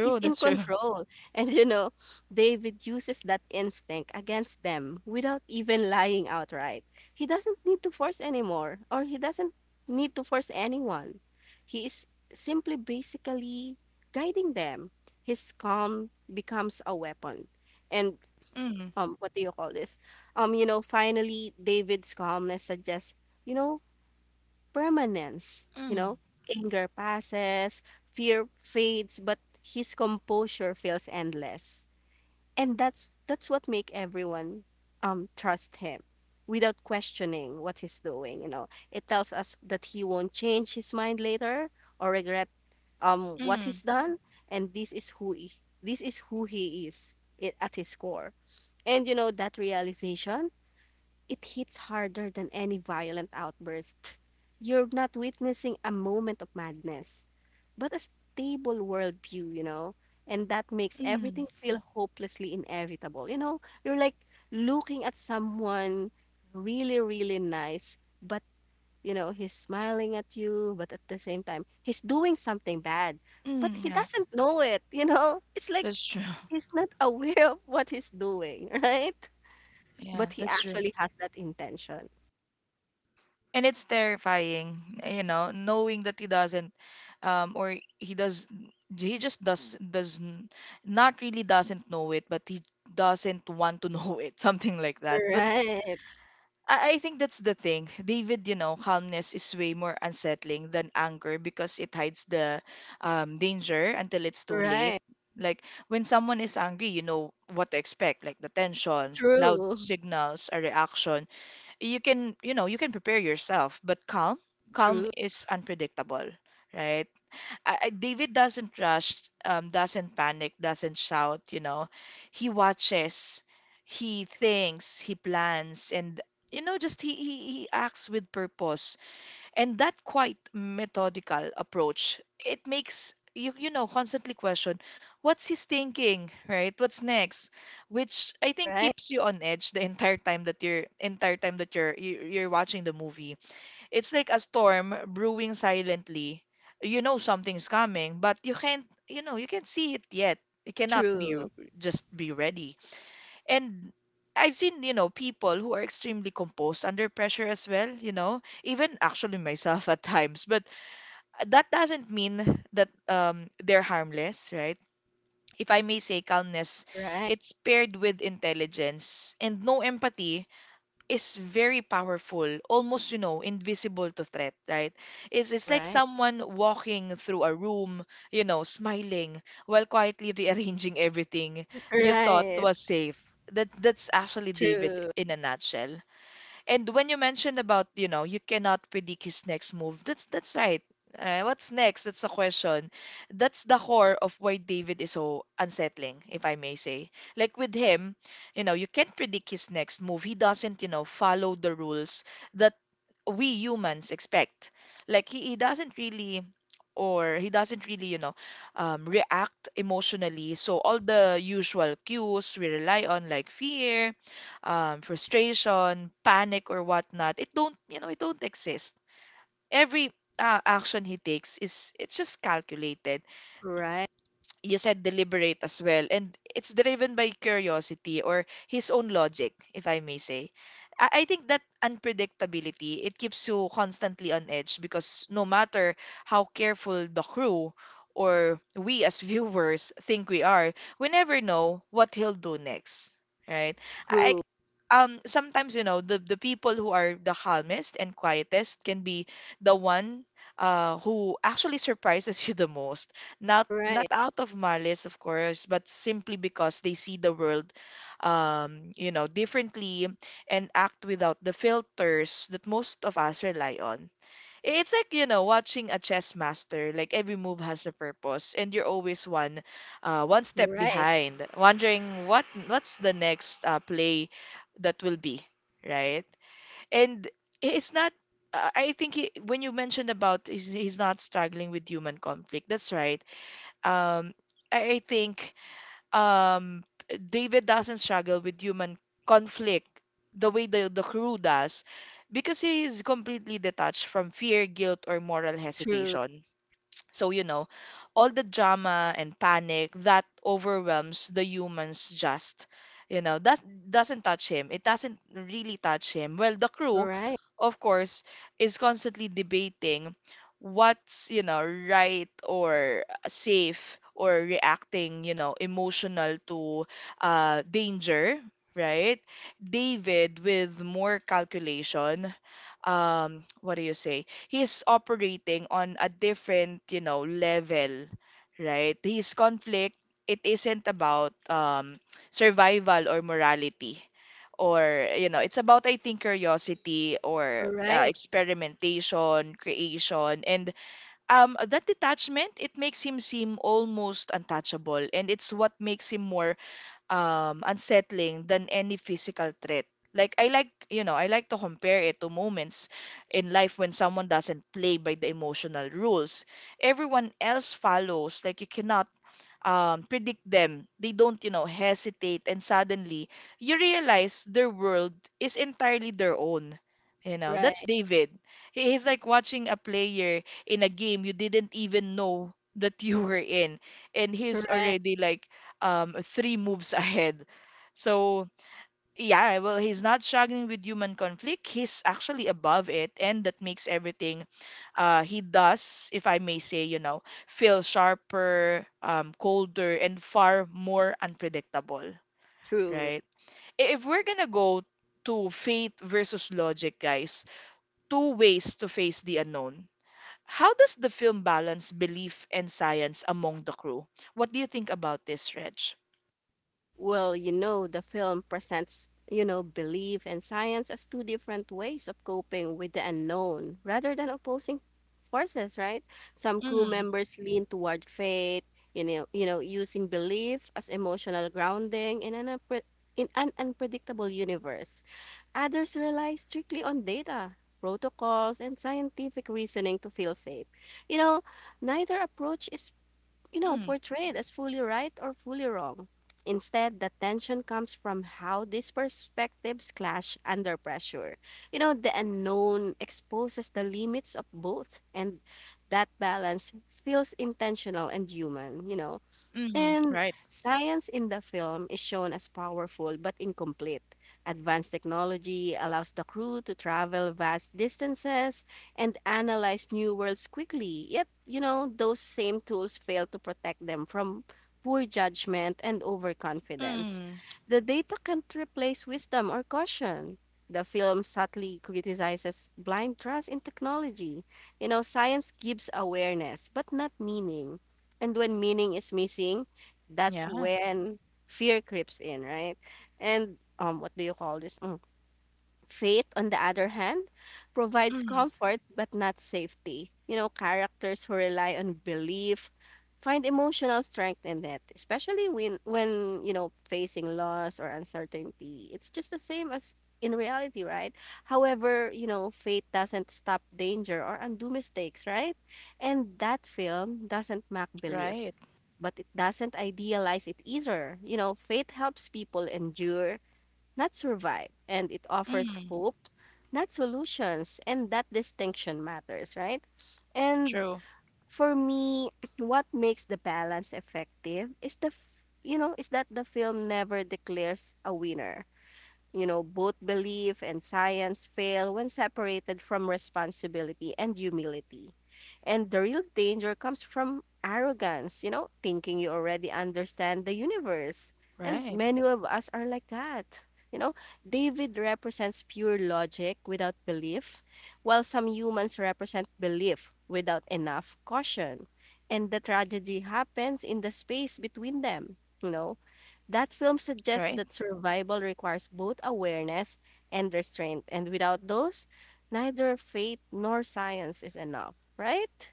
Speaker 2: He's in
Speaker 1: that's true.
Speaker 2: control. And David uses that instinct against them without even lying outright. He doesn't need to force anymore, or he doesn't need to force anyone. He is simply basically guiding them. His calm becomes a weapon. And
Speaker 1: Mm.
Speaker 2: what do you call this? Finally, David's calmness suggests, you know, permanence. You
Speaker 1: Mm.
Speaker 2: know, anger passes, fear fades, but his composure feels endless. And that's what make everyone trust him without questioning what he's doing. It tells us that he won't change his mind later or regret what
Speaker 1: Mm.
Speaker 2: he's done and this is who he is at his core. And that realization it hits harder than any violent outburst. You're not witnessing a moment of madness, but a stable worldview, you know? And that makes
Speaker 1: Mm.
Speaker 2: everything feel hopelessly inevitable. You're like looking at someone really, really nice, but, he's smiling at you, but at the same time, he's doing something bad, but
Speaker 1: Mm.
Speaker 2: he
Speaker 1: Yeah,
Speaker 2: doesn't know it, you know? It's like
Speaker 1: that's true.
Speaker 2: he's not aware of what he's doing, right?
Speaker 1: Yeah,
Speaker 2: But he
Speaker 1: that's true.
Speaker 2: actually has that intention.
Speaker 1: And it's terrifying, you know, knowing that he doesn't, or he does. He just not really doesn't know it, but he doesn't want to know it something like that. But
Speaker 2: Right.
Speaker 1: I think that's the thing, David. You know, calmness is way more unsettling than anger because it hides the danger until it's too late.
Speaker 2: Right.
Speaker 1: Like, when someone is angry, you know what to expect. Like the tension loud
Speaker 2: True.
Speaker 1: signals a reaction. You can, you know, you can prepare yourself, but calm, calm
Speaker 2: True.
Speaker 1: is unpredictable, right? David doesn't rush, doesn't panic, doesn't shout, you know. He watches, he thinks, he plans, and, you know, just he acts with purpose. And that quite methodical approach, it makes you, you know, constantly question what's he's thinking, right? What's next? Which I think
Speaker 2: Right.
Speaker 1: keeps you on edge the entire time that you're you're watching the movie. It's like a storm brewing silently. You know something's coming, but you can't, you know, you can't see it yet. It cannot be
Speaker 2: True.
Speaker 1: just be ready. And I've seen, you know, people who are extremely composed under pressure as well, you know, even actually myself at times. But that doesn't mean that they're harmless, right? If I may say, calmness,
Speaker 2: Right.
Speaker 1: it's paired with intelligence and no empathy, is very powerful, almost, you know, invisible to threat, right? It's like
Speaker 2: Right.
Speaker 1: someone walking through a room, you know, smiling while quietly rearranging everything you thought
Speaker 2: Right.
Speaker 1: was safe. That's actually David
Speaker 2: True.
Speaker 1: in a nutshell. And when you mentioned about, you know, you cannot predict his next move, that's right. What's next? That's the question. That's the core of why David is so unsettling, if I may say. Like with him, you know, you can't predict his next move. He doesn't, you know, follow the rules that we humans expect. Like he doesn't really or he doesn't really, you know, react emotionally. So all the usual cues we rely on, like fear, frustration, panic, or whatnot, it don't, you know, it don't exist. Every action he takes is it's just calculated.
Speaker 2: Right.
Speaker 1: You said deliberate as well, and it's driven by curiosity or his own logic, if I may say. I think that unpredictability, it keeps you constantly on edge, because no matter how careful the crew or we as viewers think we are, we never know what he'll do next, right? I
Speaker 2: True.
Speaker 1: Sometimes, you know, the people who are the calmest and quietest can be the one who actually surprises you the most. not
Speaker 2: Right.
Speaker 1: not out of malice, of course, but simply because they see the world you know differently, and act without the filters that most of us rely on. It's like, you know, watching a chess master. Like every move has a purpose, and you're always one one step
Speaker 2: Right.
Speaker 1: behind wondering what what's the next play that will be, right? And it's not I think he, when you mentioned about he's not struggling with human conflict, that's right. um, I think um, David doesn't struggle with human conflict the way the crew does, because he is completely detached from fear, guilt, or moral
Speaker 2: True.
Speaker 1: hesitation. So, you know, all the drama and panic that overwhelms the humans just, you know, that doesn't touch him. It doesn't really touch him. Well, the crew,
Speaker 2: Right.
Speaker 1: of course, is constantly debating what's, you know, right or safe, or reacting, you know, emotional to danger, right? David with more calculation. What do you say? He's operating on a different, you know, level, right? His conflict, it isn't about survival or morality. Or, you know, it's about, I think, curiosity or
Speaker 2: Right.
Speaker 1: experimentation, creation. And that detachment, it makes him seem almost untouchable. And it's what makes him more unsettling than any physical threat. Like I like, you know, I like to compare it to moments in life when someone doesn't play by the emotional rules. Everyone else follows. Like you cannot predict them. They don't, you know, hesitate. And suddenly, you realize their world is entirely their own. You know,
Speaker 2: Right.
Speaker 1: that's David. He's like watching a player in a game you didn't even know that you were in. And he's
Speaker 2: Right.
Speaker 1: already like three moves ahead. So, yeah, well, he's not struggling with human conflict. He's actually above it, and that makes everything he does, if I may say, you know, feel sharper, colder, and far more unpredictable,
Speaker 2: True.
Speaker 1: right? If we're gonna go to faith versus logic, guys, two ways to face the unknown. How does the film balance belief and science among the crew? What do you think about this, Reg?
Speaker 2: Well, the film presents, belief and science as two different ways of coping with the unknown rather than opposing forces, right? Some crew
Speaker 1: Mm,
Speaker 2: members lean toward faith, using belief as emotional grounding in an unpredictable universe. Others rely strictly on data, protocols, and scientific reasoning to feel safe. You know, neither approach is
Speaker 1: mm,
Speaker 2: portrayed as fully right or fully wrong. Instead, the tension comes from how these perspectives clash under pressure. The unknown exposes the limits of both, and that balance feels intentional and human.
Speaker 1: mm,
Speaker 2: And
Speaker 1: right.
Speaker 2: science in the film is shown as powerful but incomplete. Advanced technology allows the crew to travel vast distances and analyze new worlds quickly. Yet, those same tools fail to protect them from poor judgment and overconfidence.
Speaker 1: Mm,
Speaker 2: The data can't replace wisdom or caution. The film subtly criticizes blind trust in technology. Science gives awareness, but not meaning. And when meaning is missing, that's
Speaker 1: yeah.
Speaker 2: when fear creeps in, right? And what do you call this? Mm. Faith, on the other hand, provides
Speaker 1: Mm.
Speaker 2: comfort but not safety. Characters who rely on belief find emotional strength in it, especially when, facing loss or uncertainty. It's just the same as in reality, right? However, faith doesn't stop danger or undo mistakes, right? And that film doesn't mock belief,
Speaker 1: Right.
Speaker 2: but it doesn't idealize it either. Faith helps people endure not survive, and it offers
Speaker 1: Mm,
Speaker 2: hope, not solutions, and that distinction matters, right? And
Speaker 1: true.
Speaker 2: for me, what makes the balance effective is the f- you know, is that the film never declares a winner. Both belief and science fail when separated from responsibility and humility. And the real danger comes from arrogance, thinking you already understand the universe. And
Speaker 1: Right.
Speaker 2: many of us are like that. You know, David represents pure logic without belief, while some humans represent belief without enough caution. And the tragedy happens in the space between them. That film suggests
Speaker 1: Right.
Speaker 2: that survival requires both awareness and restraint, and without those, neither faith nor science is enough, right?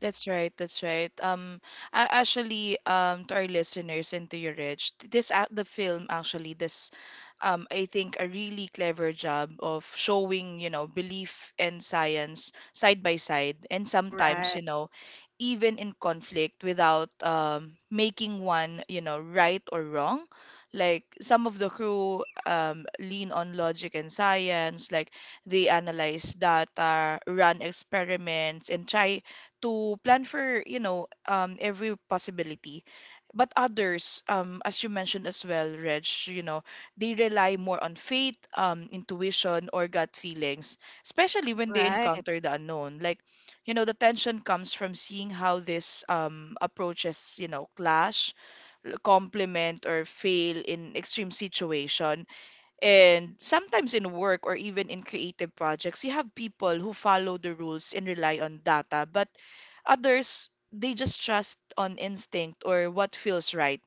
Speaker 1: That's right. That's right. Actually, to our listeners and to you, Rich, this act, the film actually this, I think a really clever job of showing, you know, belief and science side by side, and sometimes,
Speaker 2: Right,
Speaker 1: you know, even in conflict without making one, you know, right or wrong. Like some of the crew lean on logic and science, like they analyze data, run experiments, and try to plan for, you know, every possibility. But others, as you mentioned as well, Reg, you know, they rely more on faith, intuition, or gut feelings, especially when they
Speaker 2: right,
Speaker 1: encounter the unknown. Like, you know, the tension comes from seeing how this approaches, you know, clash, complement, or fail in extreme situation. And sometimes in work or even in creative projects, you have people who follow the rules and rely on data, but others, they just trust on instinct or what feels right.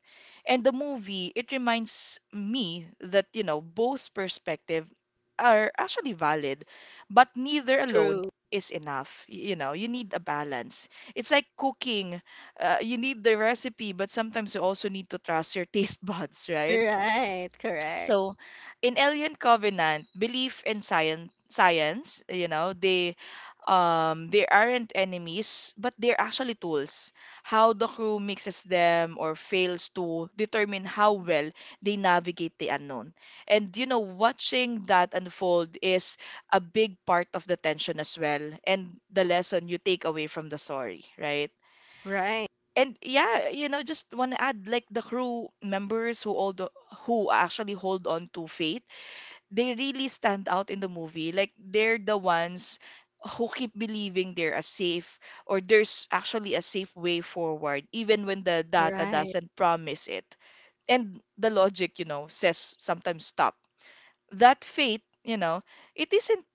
Speaker 1: And the movie, it reminds me that, you know, both perspective are actually valid, but neither alone
Speaker 2: true,
Speaker 1: is enough. You know, you need a balance. It's like cooking. You need the recipe, but sometimes you also need to trust your taste buds, right?
Speaker 2: right, correct,
Speaker 1: So, in Alien Covenant, belief in science, science, you know, they aren't enemies, but they're actually tools. How the crew mixes them or fails to determine how well they navigate the unknown. And, you know, watching that unfold is a big part of the tension as well, and the lesson you take away from the story, right?
Speaker 2: right,
Speaker 1: And yeah, you know, just want to add, like, the crew members who all the, who actually hold on to faith, they really stand out in the movie. Like they're the ones who keep believing they're a safe or there's actually a safe way forward, even when the data
Speaker 2: right,
Speaker 1: doesn't promise it. And the logic, you know, says sometimes stop, that faith, you know, it isn't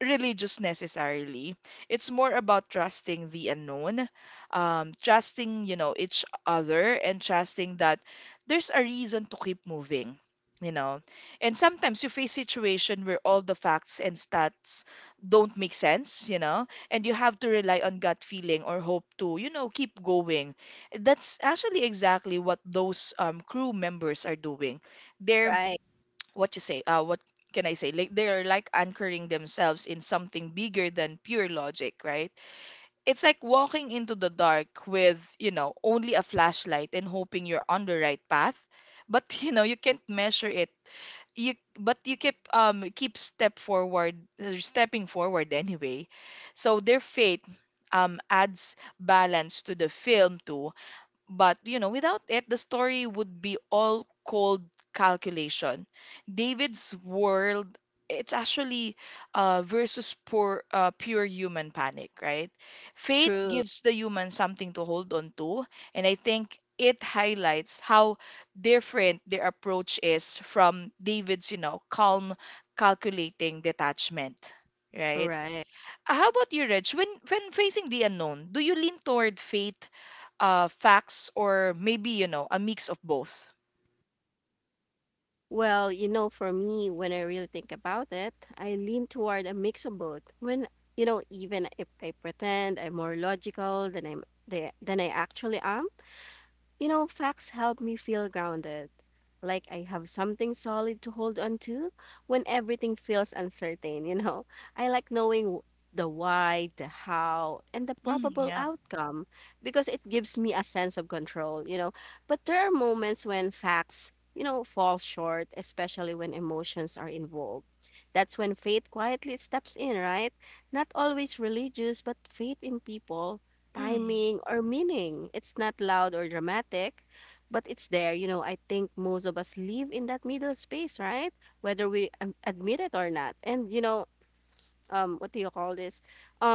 Speaker 1: religious necessarily. It's more about trusting the unknown, trusting, you know, each other and trusting that there's a reason to keep moving. You know, and sometimes you face situation where all the facts and stats don't make sense, you know, and you have to rely on gut feeling or hope to, you know, keep going. That's actually exactly what those crew members are doing. They're
Speaker 2: right,
Speaker 1: what you say what can I say, like they're like anchoring themselves in something bigger than pure logic, right? It's like walking into the dark with, you know, only a flashlight and hoping you're on the right path, but you know you can't measure it. You but you keep keep step forward, stepping forward anyway. So their fate adds balance to the film too. But, you know, without it, the story would be all cold calculation. David's world, it's actually versus poor, pure human panic, right? Faith
Speaker 2: true,
Speaker 1: gives the human something to hold on to, and I think it highlights how different their approach is from David's, you know, calm, calculating detachment, right?
Speaker 2: right.
Speaker 1: How about you, Reg? When facing the unknown, do you lean toward faith, facts, or maybe, you know, a mix of both?
Speaker 2: Well, for me, when I really think about it, I lean toward a mix of both. When, even if I pretend I'm more logical than I actually am, Facts help me feel grounded, like I have something solid to hold on to when everything feels uncertain. I like knowing the why, the how, and the
Speaker 1: Mm,
Speaker 2: probable
Speaker 1: yeah.
Speaker 2: outcome because it gives me a sense of control. But there are moments when facts, fall short, especially when emotions are involved. That's when faith quietly steps in, right? Not always religious, but faith in people
Speaker 1: Mm,
Speaker 2: timing, or meaning. It's not loud or dramatic, but it's there. I think most of us live in that middle space, right? Whether we admit it or not. And, what do you call this?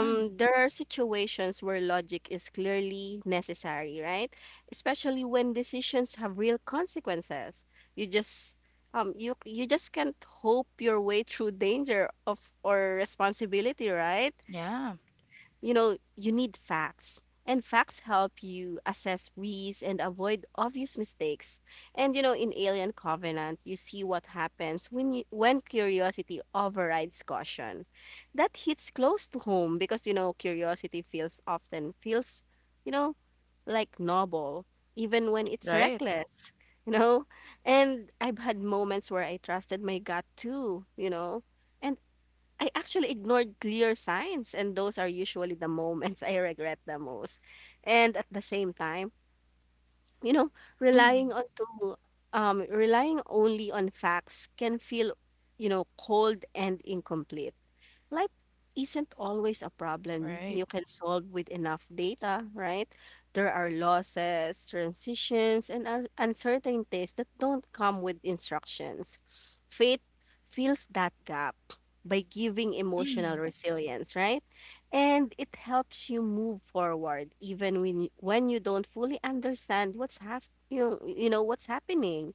Speaker 1: mm,
Speaker 2: there are situations where logic is clearly necessary, right? Especially when decisions have real consequences. You just you just can't hope your way through danger of or responsibility, right?
Speaker 1: yeah.
Speaker 2: You need facts. And facts help you assess risks and avoid obvious mistakes. And in Alien Covenant, you see what happens when curiosity overrides caution. That hits close to home because curiosity feels often feels, you know, like noble even when it's
Speaker 1: Right.
Speaker 2: reckless, you know? And I've had moments where I trusted my gut too, you know? And I actually ignored clear signs, and those are usually the moments I regret the most. And at the same time, you know, relying
Speaker 1: Mm,
Speaker 2: on to relying only on facts can feel, cold and incomplete. Life isn't always a problem
Speaker 1: right.
Speaker 2: you can solve with enough data, right? There are losses, transitions, and uncertainties that don't come with instructions. Faith fills that gap by giving emotional
Speaker 1: Mm,
Speaker 2: resilience, right? And it helps you move forward even when you don't fully understand what's hap- you know what's happening.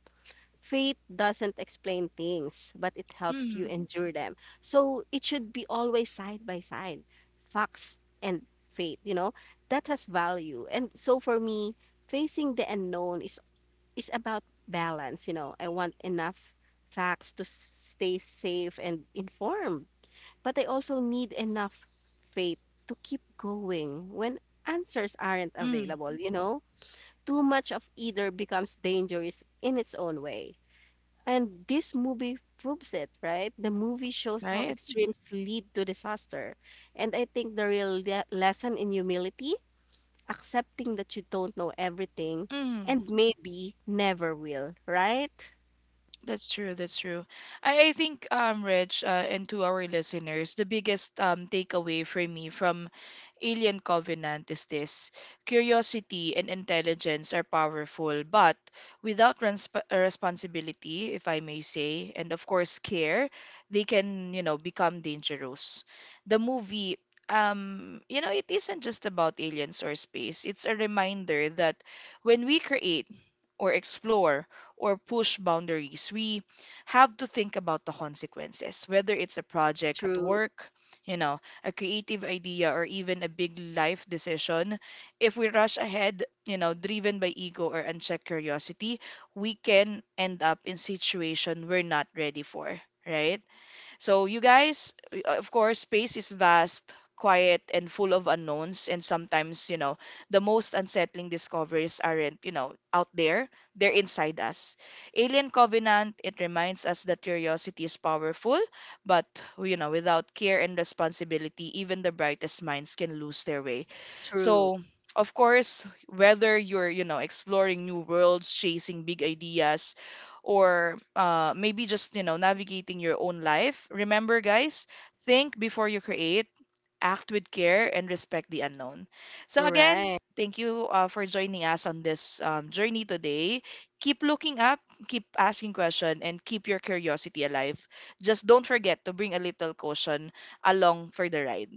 Speaker 2: Faith doesn't explain things, but it helps you
Speaker 1: mm,
Speaker 2: endure them. So it should be always side by side, facts and faith, that has value. And so for me, facing the unknown is about balance. I want enough facts to stay safe and informed, but I also need enough faith to keep going when answers aren't
Speaker 1: mm,
Speaker 2: available. Too much of either becomes dangerous in its own way. And this movie proves it, right? The movie shows how
Speaker 1: right.
Speaker 2: extremes lead to disaster. And I think the real lesson in humility, accepting that you don't know everything
Speaker 1: Mm.
Speaker 2: and maybe never will, right?
Speaker 1: That's true. That's true. I think, Rich, and to our listeners, the biggest takeaway for me from Alien Covenant is this: curiosity and intelligence are powerful, but without responsibility, if I may say, and of course care, they can, you know, become dangerous. The movie. You know, it isn't just about aliens or space. It's a reminder that when we create or explore or push boundaries. We have to think about the consequences, whether it's a project at
Speaker 2: True,
Speaker 1: work, you know, a creative idea, or even a big life decision. If we rush ahead, you know, driven by ego or unchecked curiosity, we can end up in situation we're not ready for, right? So, you guys, of course, space is vast, quiet, and full of unknowns. And sometimes, you know, the most unsettling discoveries aren't, you know, out there, they're inside us. Alien Covenant, it reminds us that curiosity is powerful, but, you know, without care and responsibility, even the brightest minds can lose their way.
Speaker 2: true.
Speaker 1: So, of course, whether you're, you know, exploring new worlds, chasing big ideas, or maybe just, you know, navigating your own life, remember guys, think before you create, act with care, and respect the unknown. So again,
Speaker 2: Right,
Speaker 1: thank you for joining us on this journey today. Keep looking up, keep asking questions, and keep your curiosity alive. Just don't forget to bring a little caution along for the ride.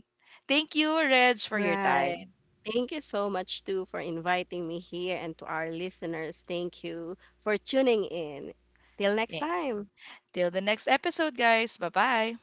Speaker 1: Thank you, Reg, for your
Speaker 2: right.
Speaker 1: time.
Speaker 2: Thank you so much, too, for inviting me here and to our listeners. Thank you for tuning in. Till next
Speaker 1: Yeah.
Speaker 2: time.
Speaker 1: Till the next episode, guys, bye bye.